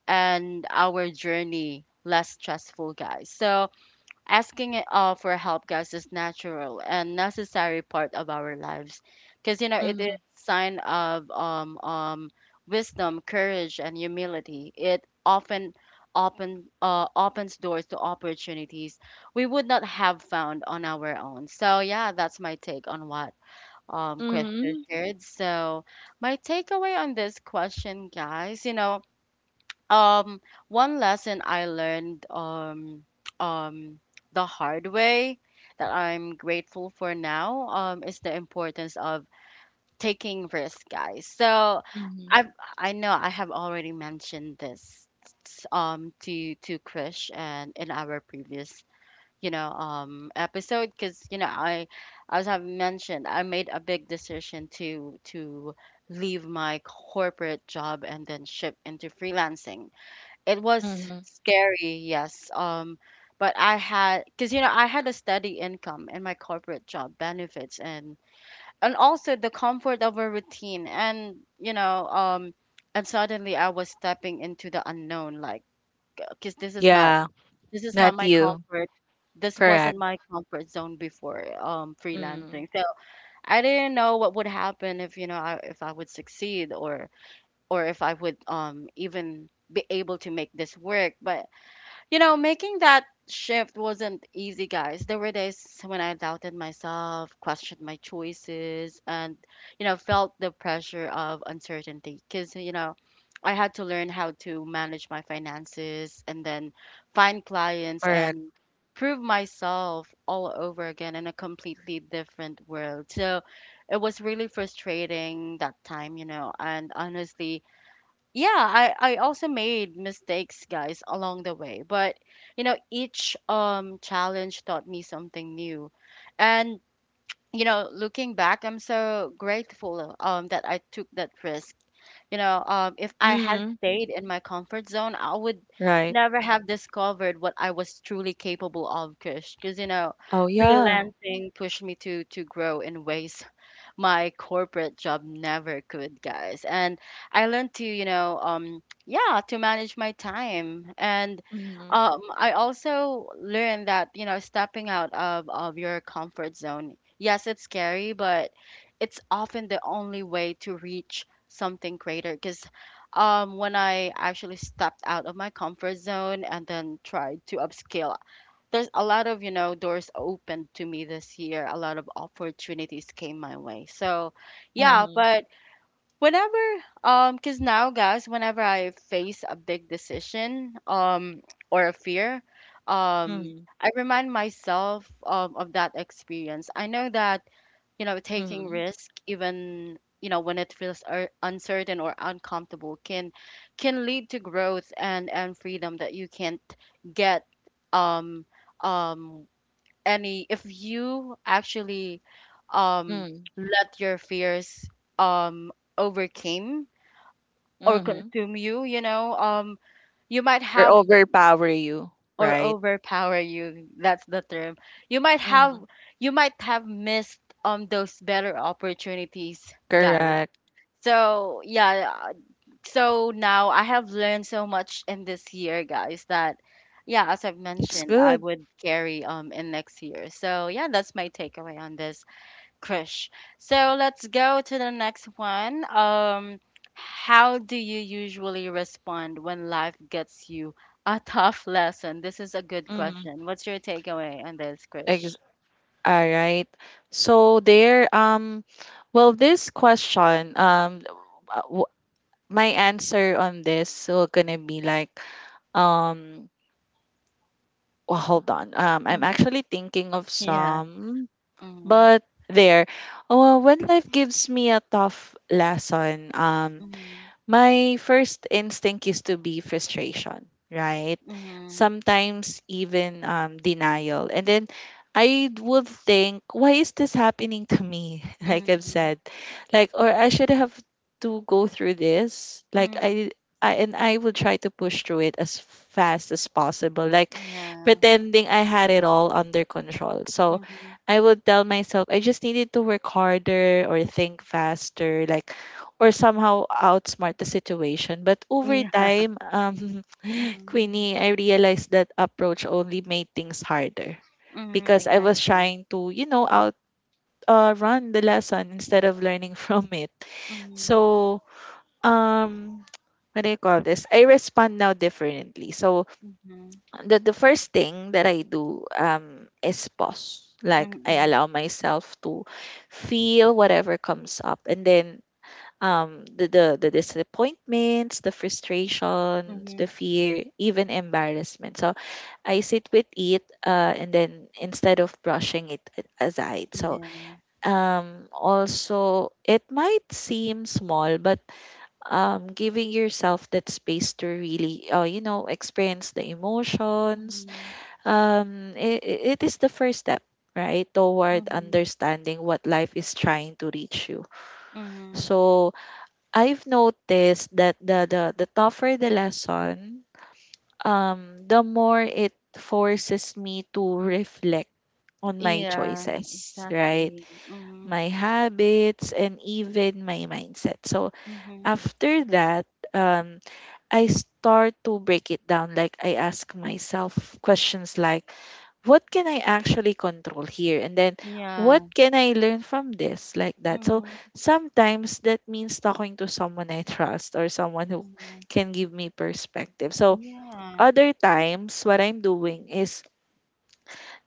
S1: and our journey less stressful, guys. So asking it, for help, guys, is natural and necessary part of our lives, because, you know, it is
S2: mhm,
S1: sign of wisdom, courage, and humility. It often opens doors to opportunities we would not have found on our own. So yeah, that's my take on what Krista
S2: mhm,
S1: shared. So my takeaway on this question, guys, you know, um one lesson I learned [tsk] um the hard way that I'm grateful for now, is the importance of taking risks, guys. So
S2: mhm,
S1: I I know I have already mentioned this to Krish, and in our previous, episode, because, you know, I, as I've mentioned, I made a big decision to leave my corporate job and then shift into freelancing. It was
S2: mhm.
S1: scary, yes. But I had, because, you know, I had a steady income and my corporate job benefits, and also the comfort of a routine, and, you know, and suddenly I was stepping into the unknown, like, because
S2: Yeah,
S1: this is not
S2: not
S1: my
S2: you.
S1: comfort. This wasn't
S2: Correct.
S1: my comfort zone before,
S2: Mm,
S1: freelancing. So I didn't know what would happen if, you know, I, if I would succeed, or if I would, even be able to make this work. But, you know, making that shift wasn't easy, guys. There were days when I doubted myself, questioned my choices, and, you know, felt the pressure of uncertainty, because, you know, I had to learn how to manage my finances, and then find clients,
S2: correct.
S1: and prove myself all over again in a completely different world. So it was really frustrating that time, you know, and honestly, yeah, I also made mistakes, guys, along the way. But, you know, each challenge taught me something new. And, you know, looking back, I'm so grateful that I took that risk. You know, if I had
S2: Mhm,
S1: stayed in my comfort zone, I would
S2: right.
S1: never have discovered what I was truly capable of, Kush. Because, you know,
S2: Oh yeah.
S1: freelancing pushed me to grow in ways my corporate job never could, guys. And I learned to, you know, yeah, to manage my time. And,
S2: Mhm,
S1: I also learned that, you know, stepping out of, your comfort zone, yes, it's scary, but it's often the only way to reach something greater. Because, when I actually stepped out of my comfort zone and then tried to upscale, there's a lot of, you know, doors opened to me this year, a lot of opportunities came my way. So yeah,
S2: mhm,
S1: but whenever, because now, guys, whenever I face a big decision, or a fear, um
S2: mhm,
S1: I remind myself, of that experience. I know that, you know, taking
S2: mhm,
S1: risk, even, you know, when it feels uncertain or uncomfortable, can lead to growth and freedom that you can't get, um um any, if you actually, um
S2: mhm,
S1: let your fears, um overcame or
S2: mhm,
S1: consume you, you know, you might
S2: or
S1: have,
S2: overpower you,
S1: or
S2: right?
S1: overpower you, that's the term. you might have
S2: Mhm,
S1: you might have missed, those better opportunities, guys.
S2: correct.
S1: So yeah, so now I have learned so much in this year, guys, that yeah, as I've
S2: It's
S1: mentioned, I
S2: good.
S1: would carry, in next year. So yeah, that's my takeaway on this, Crush. So let's go to the next one. How do you usually respond when life gets you a tough lesson? This is a good
S2: Mhm.
S1: question. What's your takeaway on this, Krish?
S2: Ex- all right. So there, well, this question, uh, my answer on this will gonna be like um well hold on, I'm
S1: Hmm.
S2: actually thinking of
S1: Yeah.
S2: some,
S1: Mm-hmm.
S2: but there oh well, when life gives me a tough lesson,
S1: Mm-hmm.
S2: my first instinct used to be frustration, right?
S1: Mm-hmm.
S2: Sometimes even denial. And then I would think, why is this happening to me? [laughs] Like I've
S1: Mm-hmm.
S2: said, like, or I should have to go through this. Like
S1: Hmm.
S2: I, I, and I would try to push through it as fast as possible, like
S1: Yeah.
S2: pretending I had it all under control. So
S1: Mm-hmm.
S2: I would tell myself I just needed to work harder or think faster, like, or somehow outsmart the situation. But over
S1: Yeah.
S2: time, [laughs]
S1: Mm-hmm.
S2: Queenie, I realized that approach only made things harder
S1: Mm-hmm.
S2: because I was
S1: Exactly.
S2: trying to, you know, out run the lesson instead of learning [laughs] from it.
S1: Mm-hmm.
S2: So, um, what do you call this? I respond now differently. So
S1: Mm-hmm.
S2: the first thing that I do is pause. Like I
S1: Mm-hmm.
S2: allow myself to feel whatever comes up, and then the disappointments, the frustrations, the
S1: Mm-hmm.
S2: fear, even embarrassment. So I sit with it, and then instead of brushing it aside. So
S1: Yeah.
S2: also it might seem small, but giving yourself that space to really, you know, experience the emotions,
S1: Mm-hmm.
S2: it is the first step right toward
S1: Mm-hmm.
S2: understanding what life is trying to reach you.
S1: Mm-hmm.
S2: So I've noticed that the tougher the lesson, the more it forces me to reflect on my
S1: Yeah.
S2: choices, right?
S1: Exactly. Mhm.
S2: My habits and even my mindset. So
S1: Mhm.
S2: after that, um I start to break it down. Like I ask myself questions like, what can I actually control here? And then what
S1: Yeah.
S2: can I learn from this? Like that. So
S1: Mhm.
S2: sometimes that means talking to someone I trust or someone who
S1: Mhm.
S2: can give me perspective. So
S1: Yeah.
S2: other times what I'm doing is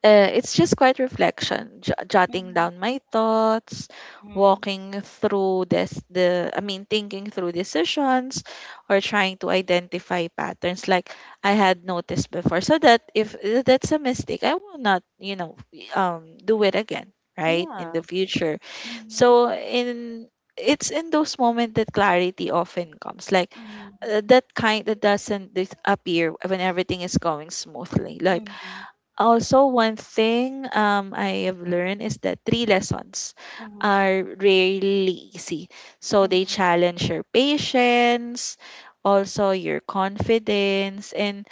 S2: it's just quiet reflection, jotting
S1: Mhm.
S2: down my thoughts,
S1: Mhm.
S2: walking through this, I mean, thinking through decisions, or trying to identify patterns like I had noticed before, so that if that's a mistake, I will not, you know, do it again, right, in
S1: Yeah.
S2: the future.
S1: Mhm.
S2: So in it's in those moments that clarity often comes, like
S1: Mhm.
S2: that kind that doesn't appear when everything is going smoothly, like
S1: Mhm.
S2: also, one thing I have learned is that three lessons are really easy. So they
S1: Mhm.
S2: challenge your patience, also your confidence, and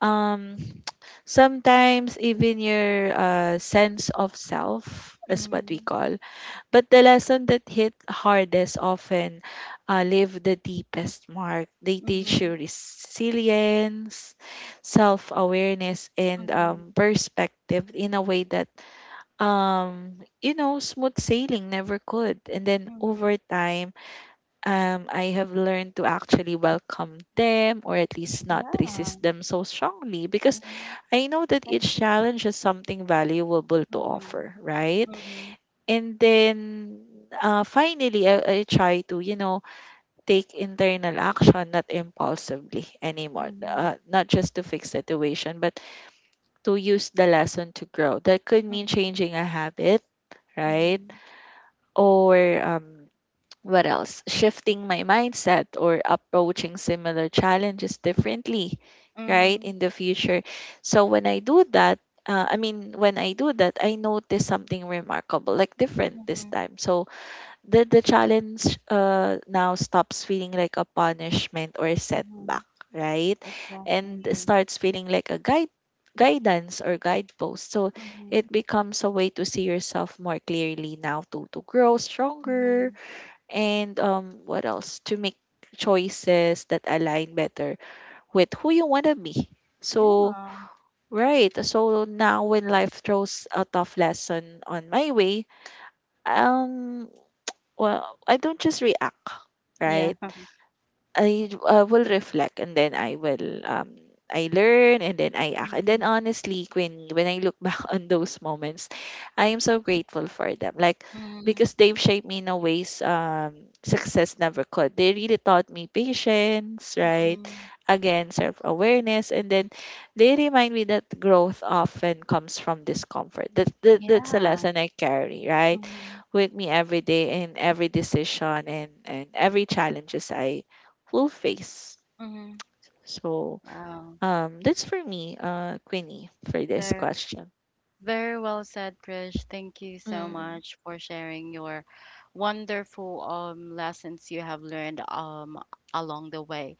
S2: um, [tsk] sometimes even your sense of self is what we
S1: Mhm.
S2: call. But the lesson that hit hardest often leave the deepest mark. They teach you
S1: Mhm.
S2: resilience, self awareness,
S1: Mhm.
S2: and
S1: Mhm.
S2: perspective in a way that, you know, smooth sailing never could. And then
S1: Mhm.
S2: over time, I have learned to actually welcome them, or at least not
S1: Yeah.
S2: resist them so strongly, because
S1: Mhm.
S2: I know that each
S1: Exactly.
S2: challenge has something valuable to
S1: Mhm.
S2: offer, right?
S1: Mhm.
S2: And then finally, I try to, you know, take internal action, not impulsively anymore.
S1: Mhm.
S2: Not just to fix situation, but to use the lesson to grow. That could mean
S1: Mhm.
S2: changing a habit, right?
S1: Mhm.
S2: Or um, what else? Shifting my mindset or approaching similar challenges differently, right?
S1: Mhm.
S2: In the future. So when I do that, when I do that, I notice something remarkable, like different this
S1: Mhm.
S2: time. So the challenge now stops feeling like a punishment or a setback,
S1: Mhm.
S2: right, and
S1: Exactly.
S2: starts feeling like a guide guidance or guidepost. So
S1: Mhm.
S2: it becomes a way to see yourself more clearly now, to grow stronger
S1: Mhm.
S2: and, what else, to make choices that align better with who you want to be. So
S1: Yeah.
S2: right, so now when life throws a tough lesson on my way, um well, I don't just react,
S1: Yeah.
S2: right? I will reflect and then I will, I learn and then I act. And then
S1: Mhm.
S2: honestly, Queenie, when I look back [laughs] on those moments, I am so grateful for them. Like,
S1: Mhm.
S2: because they've shaped me in a ways success never could. They really taught me patience, right?
S1: Mhm.
S2: Again, self awareness, and then they remind me that growth often comes from discomfort. That's a
S1: Yeah.
S2: lesson I carry, right,
S1: Mhm.
S2: with me every day, in every decision and every challenges I full face.
S1: Mhm.
S2: So
S1: Wow.
S2: that's for me, Queenie, for this
S1: Very,
S2: question.
S1: very well said, Krish. Thank you so
S2: Mm,
S1: much for sharing your wonderful lessons you have learned along the way.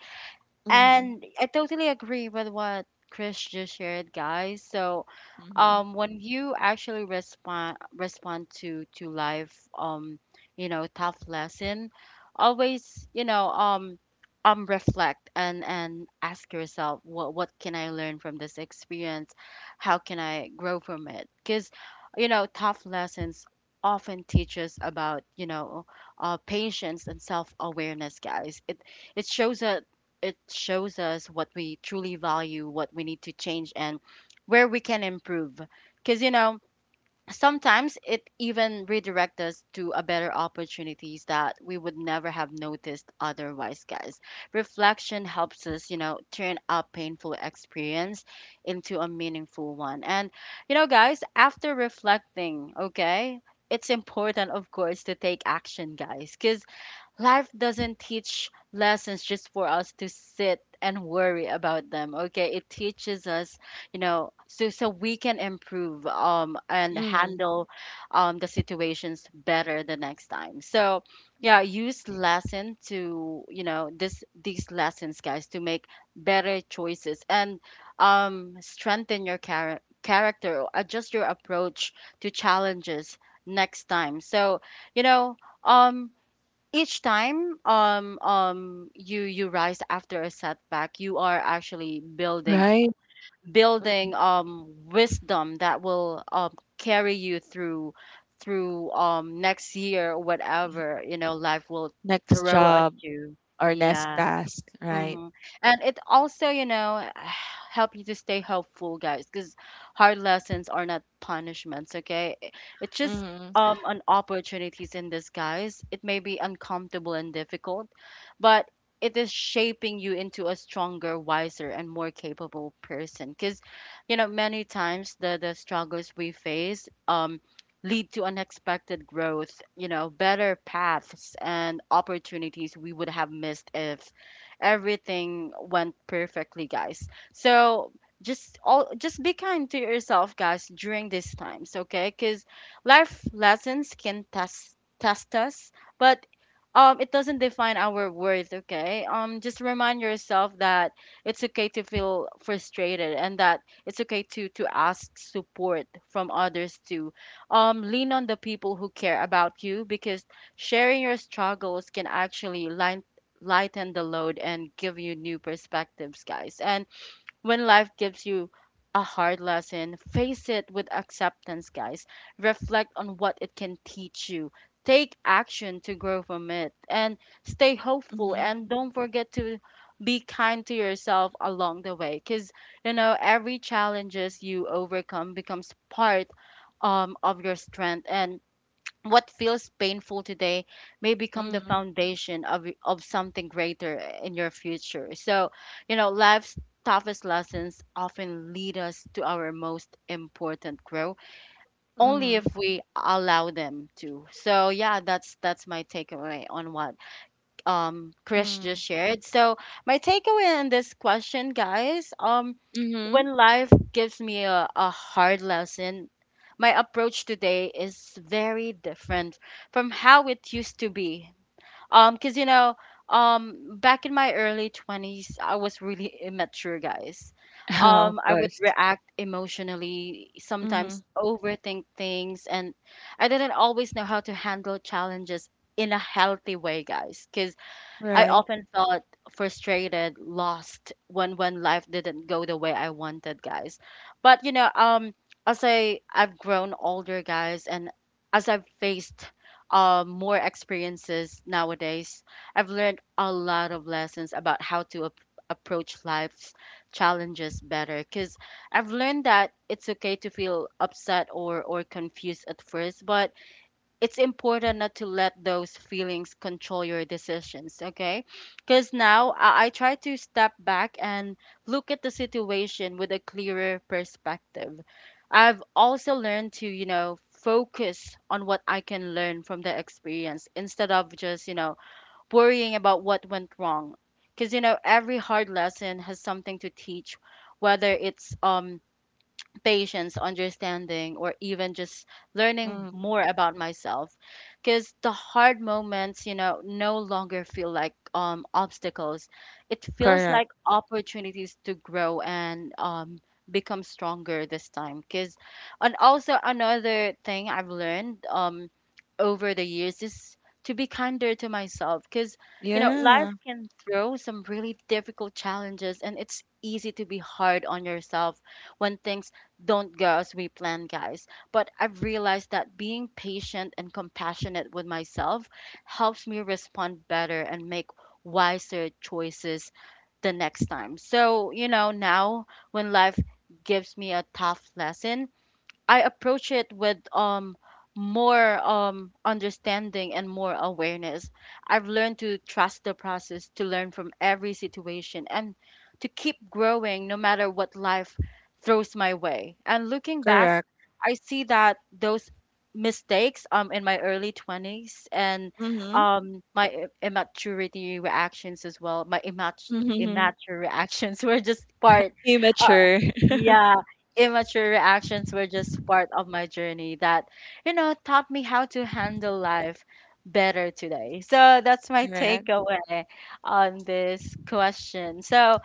S2: hmm,
S1: And I totally agree with what Chris just shared, guys. So,
S2: hmm,
S1: when you actually respond to life, you know, tough lesson, always, you know, reflect and ask yourself, what can I learn from this experience? How can I grow from it? Because, you know, tough lessons often teach us about, you know, patience and self awareness, guys. It shows us, what we truly value, what we need to change, and where we can improve. Because, you know, sometimes it even redirects us to a better opportunities that we would never have noticed otherwise, guys. Reflection helps us, you know, turn a painful experience into a meaningful one. And, you know, guys, after reflecting, okay, it's important, of course, to take action, guys, because life doesn't teach lessons just for us to sit and worry about them, okay. It teaches us, you know, so we can improve, and
S2: hmm.
S1: handle the situations better the next time. So yeah, use lesson to, you know, this these lessons, guys, to make better choices, and strengthen your character, adjust your approach to challenges next time. So, you know, um each time, you rise after a setback, you are actually building,
S2: Right?
S1: wisdom, that will carry you through, next year, whatever, you know, life will
S2: Next
S1: throw at
S2: job
S1: you.
S2: or next
S1: Yeah.
S2: task, right?
S1: Mhm. And it also, you know, [sighs] help you to stay hopeful, guys, because hard lessons are not punishments, okay? It's just
S2: Mm-hmm,
S1: an opportunities in disguise. It may be uncomfortable and difficult, but it is shaping you into a stronger, wiser, and more capable person. Because, you know, many times the struggles we face lead to unexpected growth, you know, better paths and opportunities we would have missed if everything went perfectly, guys. So just be kind to yourself, guys, during these times, okay? Because life lessons can test us, but it doesn't define our worth, okay? Just remind yourself that it's okay to feel frustrated and that it's okay to ask support from others too. Lean on the people who care about you because sharing your struggles can actually line lighten the load and give you new perspectives, guys. And when life gives you a hard lesson, face it with acceptance, guys. Reflect on what it can teach you. Take action to grow from it and stay hopeful. And don't forget to be kind to yourself along the way because every challenges you overcome becomes part of your strength, and what feels painful today may become the
S2: mm-hmm,
S1: foundation of something greater in your future. So life's toughest lessons often lead us to our most important growth, only
S2: mm-hmm,
S1: if we allow them to. So yeah, that's my takeaway on what Chris
S2: mm-hmm,
S1: just shared. So my takeaway on this question, guys,
S2: mm-hmm.
S1: when life gives me a hard lesson, my approach today is very different from how it used to be. Cuz back in my early 20s, I was really immature, guys.
S2: [laughs] Of
S1: I would
S2: course.
S1: react emotionally,
S2: Mm-hmm,
S1: sometimes overthink things, and I didn't always know how to handle challenges in a healthy way, guys. Because I
S2: right.
S1: often felt frustrated, lost, when life didn't go the way I wanted, guys. But you know, as I've grown older, guys, and as I've faced more experiences nowadays, I've learned a lot of lessons about how to approach life's challenges better. Cause I've learned that it's okay to feel upset or confused at first, but it's important not to let those feelings control your decisions, okay? Because now I try to step back and look at the situation with a clearer perspective. I've also learned to, you know, focus on what I can learn from the experience instead of just, you know, worrying about what went wrong. Because, you know, every hard lesson has something to teach, whether it's patience, understanding, or even just learning
S2: Mm,
S1: more about myself. Because the hard moments, you know, no longer feel like obstacles. It feels
S2: correct.
S1: like opportunities to grow and become stronger this time. Because, and also another thing I've learned over the years is to be kinder to myself. Because, you know,
S2: Yeah,
S1: life can throw some really difficult challenges, and it's easy to be hard on yourself when things don't go as we planned, guys. But I've realized that being patient and compassionate with myself helps me respond better and make wiser choices the next time. So, you know, now when life gives me a tough lesson, I approach it with more understanding and more awareness. I've learned to trust the process, to learn from every situation, and to keep growing no matter what life throws my way. And looking back,
S2: correct.
S1: I see that those mistakes in my early 20s and
S2: Mm-hmm,
S1: my I- immaturity reactions as well, my immat
S2: mm-hmm.
S1: immature reactions [laughs] were just part uh,
S2: Immature.
S1: yeah, immature reactions were just part of my journey that, you know, taught me how to handle life better today. So that's
S2: [laughs]
S1: my
S2: Correct.
S1: takeaway on this question. So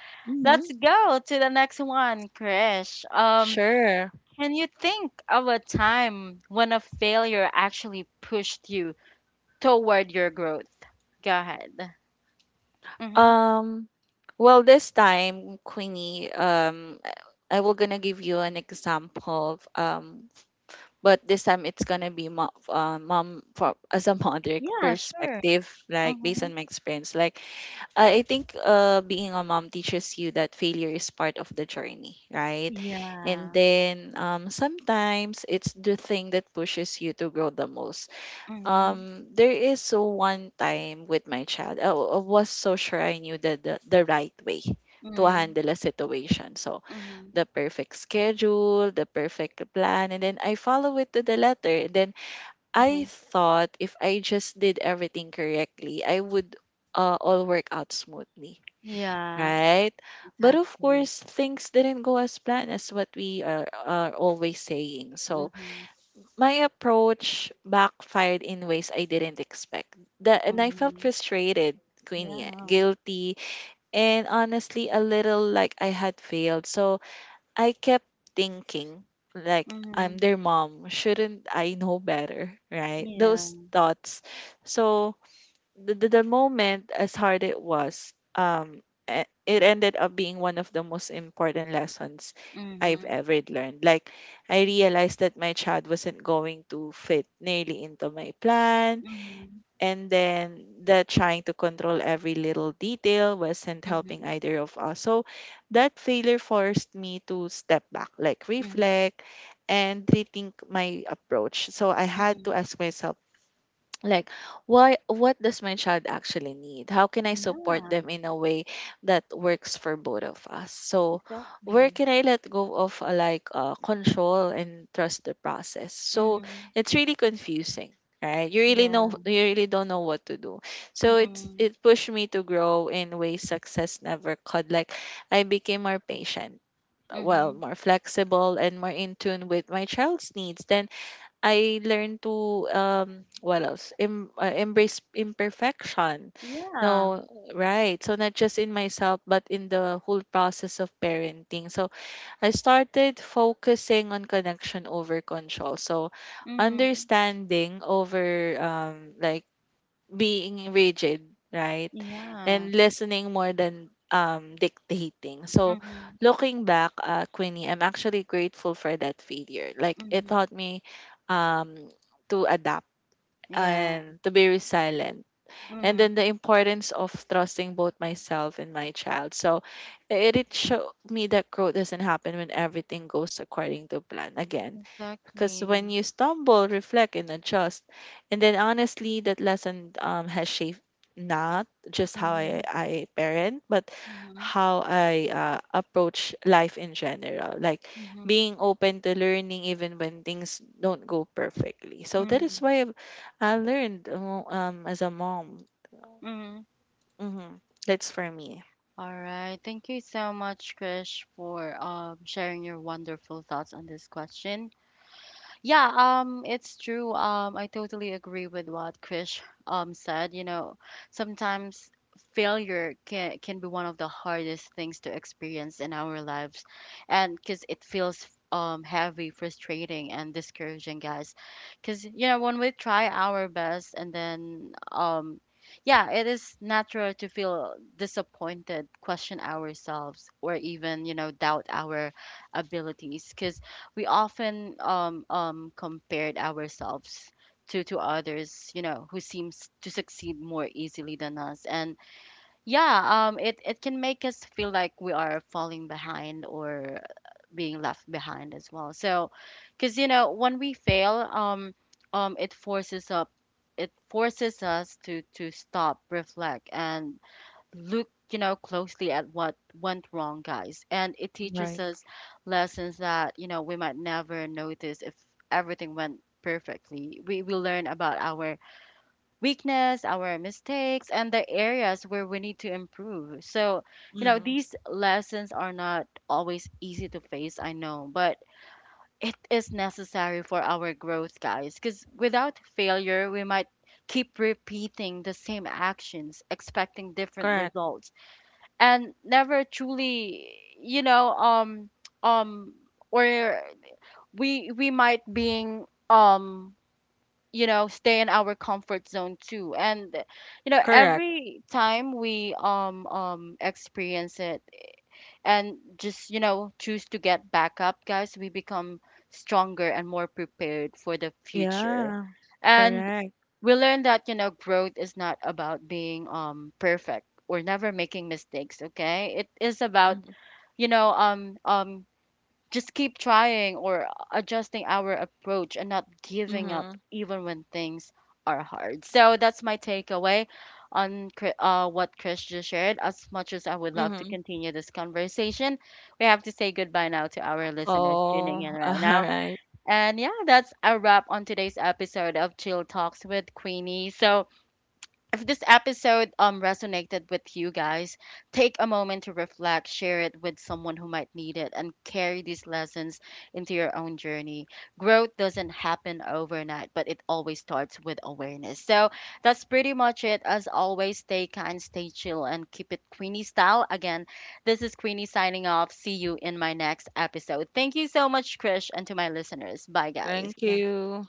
S1: let's
S2: Mm-hmm.
S1: go to the next one, Krish.
S2: Sure.
S1: Can you think of a time when a failure actually pushed you toward your growth? Go ahead. Mm-hmm.
S2: Um, well, this time, Queenie, I will gonna give you an example of, but this time it's gonna be mom, mom for, as a mother
S1: Yeah, sure.
S2: perspective, like based
S1: Mm-hmm.
S2: on my experience. Like I think, being a mom teaches you that failure is part of the journey, right? And
S1: Yeah.
S2: then, sometimes it's the thing that pushes you to grow the most.
S1: Mm-hmm.
S2: There is so one time with my child, I was so sure I knew the, the right way to
S1: Mm-hmm.
S2: handle a situation. So the perfect schedule, the perfect plan, and then I follow it to the letter. And then
S1: Mm-hmm.
S2: I thought if I just did everything correctly, I would, all work out smoothly,
S1: Yeah.
S2: right? But of
S1: Exactly.
S2: course, things didn't go as planned as what we are always saying. So
S1: Mm-hmm.
S2: my approach backfired in ways I didn't expect. That, and I felt
S1: Mm-hmm.
S2: frustrated, Queenie,
S1: Yeah.
S2: guilty, and honestly a little like I had failed. So I kept thinking, like, I'm
S1: Mm-hmm.
S2: their mom. Shouldn't I know better? Right? Those
S1: Yeah.
S2: thoughts. So the moment, as hard it was, it ended up being one of the most important lessons I've
S1: Mm-hmm.
S2: ever learned. Like, I realized that my child wasn't going to fit nearly into my plan,
S1: Mm-hmm.
S2: and then that trying to control every little detail wasn't helping
S1: Mm-hmm.
S2: either of us. So that failure forced me to step back, like,
S1: Mm-hmm.
S2: reflect and rethink my approach. So I had to
S1: Mm-hmm.
S2: ask myself, like, why, what does my child actually need, how can I support
S1: Yeah.
S2: them in a way that works for both of us, so where
S1: Exactly.
S2: can I let go of, control, and trust the process. So
S1: Mm-hmm.
S2: it's really confusing, right? You really know,
S1: Yeah.
S2: you really don't know what to do. So it's,
S1: Mm-hmm.
S2: it pushed me to grow in ways success never could. Like I became more patient, well
S1: Mm-hmm.
S2: more flexible and more in tune with my child's needs. Then I learned to, what else? Embrace imperfection.
S1: Yeah.
S2: No, right. So not just in myself but in the whole process of parenting. So I started focusing on connection over control. So
S1: Mm-hmm.
S2: understanding over, like being rigid, right?
S1: Yeah.
S2: And listening more than, dictating. So,
S1: Mm-hmm.
S2: looking back, Queenie, I'm actually grateful for that failure. Like, it
S1: Mm-hmm.
S2: taught me, um, to adapt
S1: Yeah.
S2: and to be resilient and then
S1: Mm-hmm.
S2: the importance of trusting both myself and my child. So it showed me that growth doesn't happen when everything goes according to plan again. Because when
S1: Exactly.
S2: you stumble, reflect, and adjust, and then honestly, that lesson, has shaped not just how
S1: Mm-hmm.
S2: I parent, but
S1: Mm-hmm.
S2: how I, approach life in general. Like
S1: Mm-hmm.
S2: being open to learning even when things don't go perfectly. So that is why I learned, as a mom.
S1: Mm-hmm.
S2: Mm-hmm. That's for me.
S1: All right. Thank you so much, Krish, for sharing your wonderful thoughts on this question. Yeah, it's true. I totally agree with what Krish said. You know, sometimes failure can be one of the hardest things to experience in our lives, and because it feels heavy, frustrating, and discouraging, guys. Because you know, when we try our best, and then yeah, it is natural to feel disappointed, question ourselves, or even you know doubt our abilities. Because we often compared ourselves to others, you know, who seems to succeed more easily than us. And yeah, it can make us feel like we are falling behind or being left behind as well. So, because, you know, when we fail, um, it forces up, it forces us to stop, reflect, and look, you know, closely at what went wrong, guys. And it teaches
S2: Right.
S1: us lessons that, you know, we might never notice if everything went perfectly. We learn about our weakness, our mistakes, and the areas where we need to improve. So you know,
S2: Mm-hmm.
S1: these lessons are not always easy to face, I know, but it is necessary for our growth, guys. Because without failure, we might keep repeating the same actions, expecting different
S2: Correct.
S1: results, and never truly, you know um or we might being you know, stay in our comfort zone too. And you know,
S2: Correct.
S1: every time we experience it and just, you know, choose to get back up, guys, we become stronger and more prepared for the future.
S2: Yeah.
S1: And
S2: Correct.
S1: we learn that, you know, growth is not about being perfect or never making mistakes, okay? It is about,
S2: Mm-hmm.
S1: you know, just keep trying, or adjusting our approach, and not giving
S2: Mm-hmm.
S1: up even when things are hard. So that's my takeaway on what Chris just shared. As much as I would love to
S2: Mm-hmm.
S1: continue this conversation, we have to say goodbye now to our listeners
S2: Oh,
S1: tuning in
S2: [laughs] all
S1: right now.
S2: right.
S1: And yeah, that's a wrap on today's episode of Chill Talks with Queenie. So if this episode resonated with you guys, take a moment to reflect, share it with someone who might need it, and carry these lessons into your own journey. Growth doesn't happen overnight, but it always starts with awareness. So that's pretty much it. As always, stay kind, stay chill, and keep it Queenie style. Again, this is Queenie signing off. See you in my next episode. Thank you so much, Krish, and to my listeners. Bye, guys.
S2: Thank you.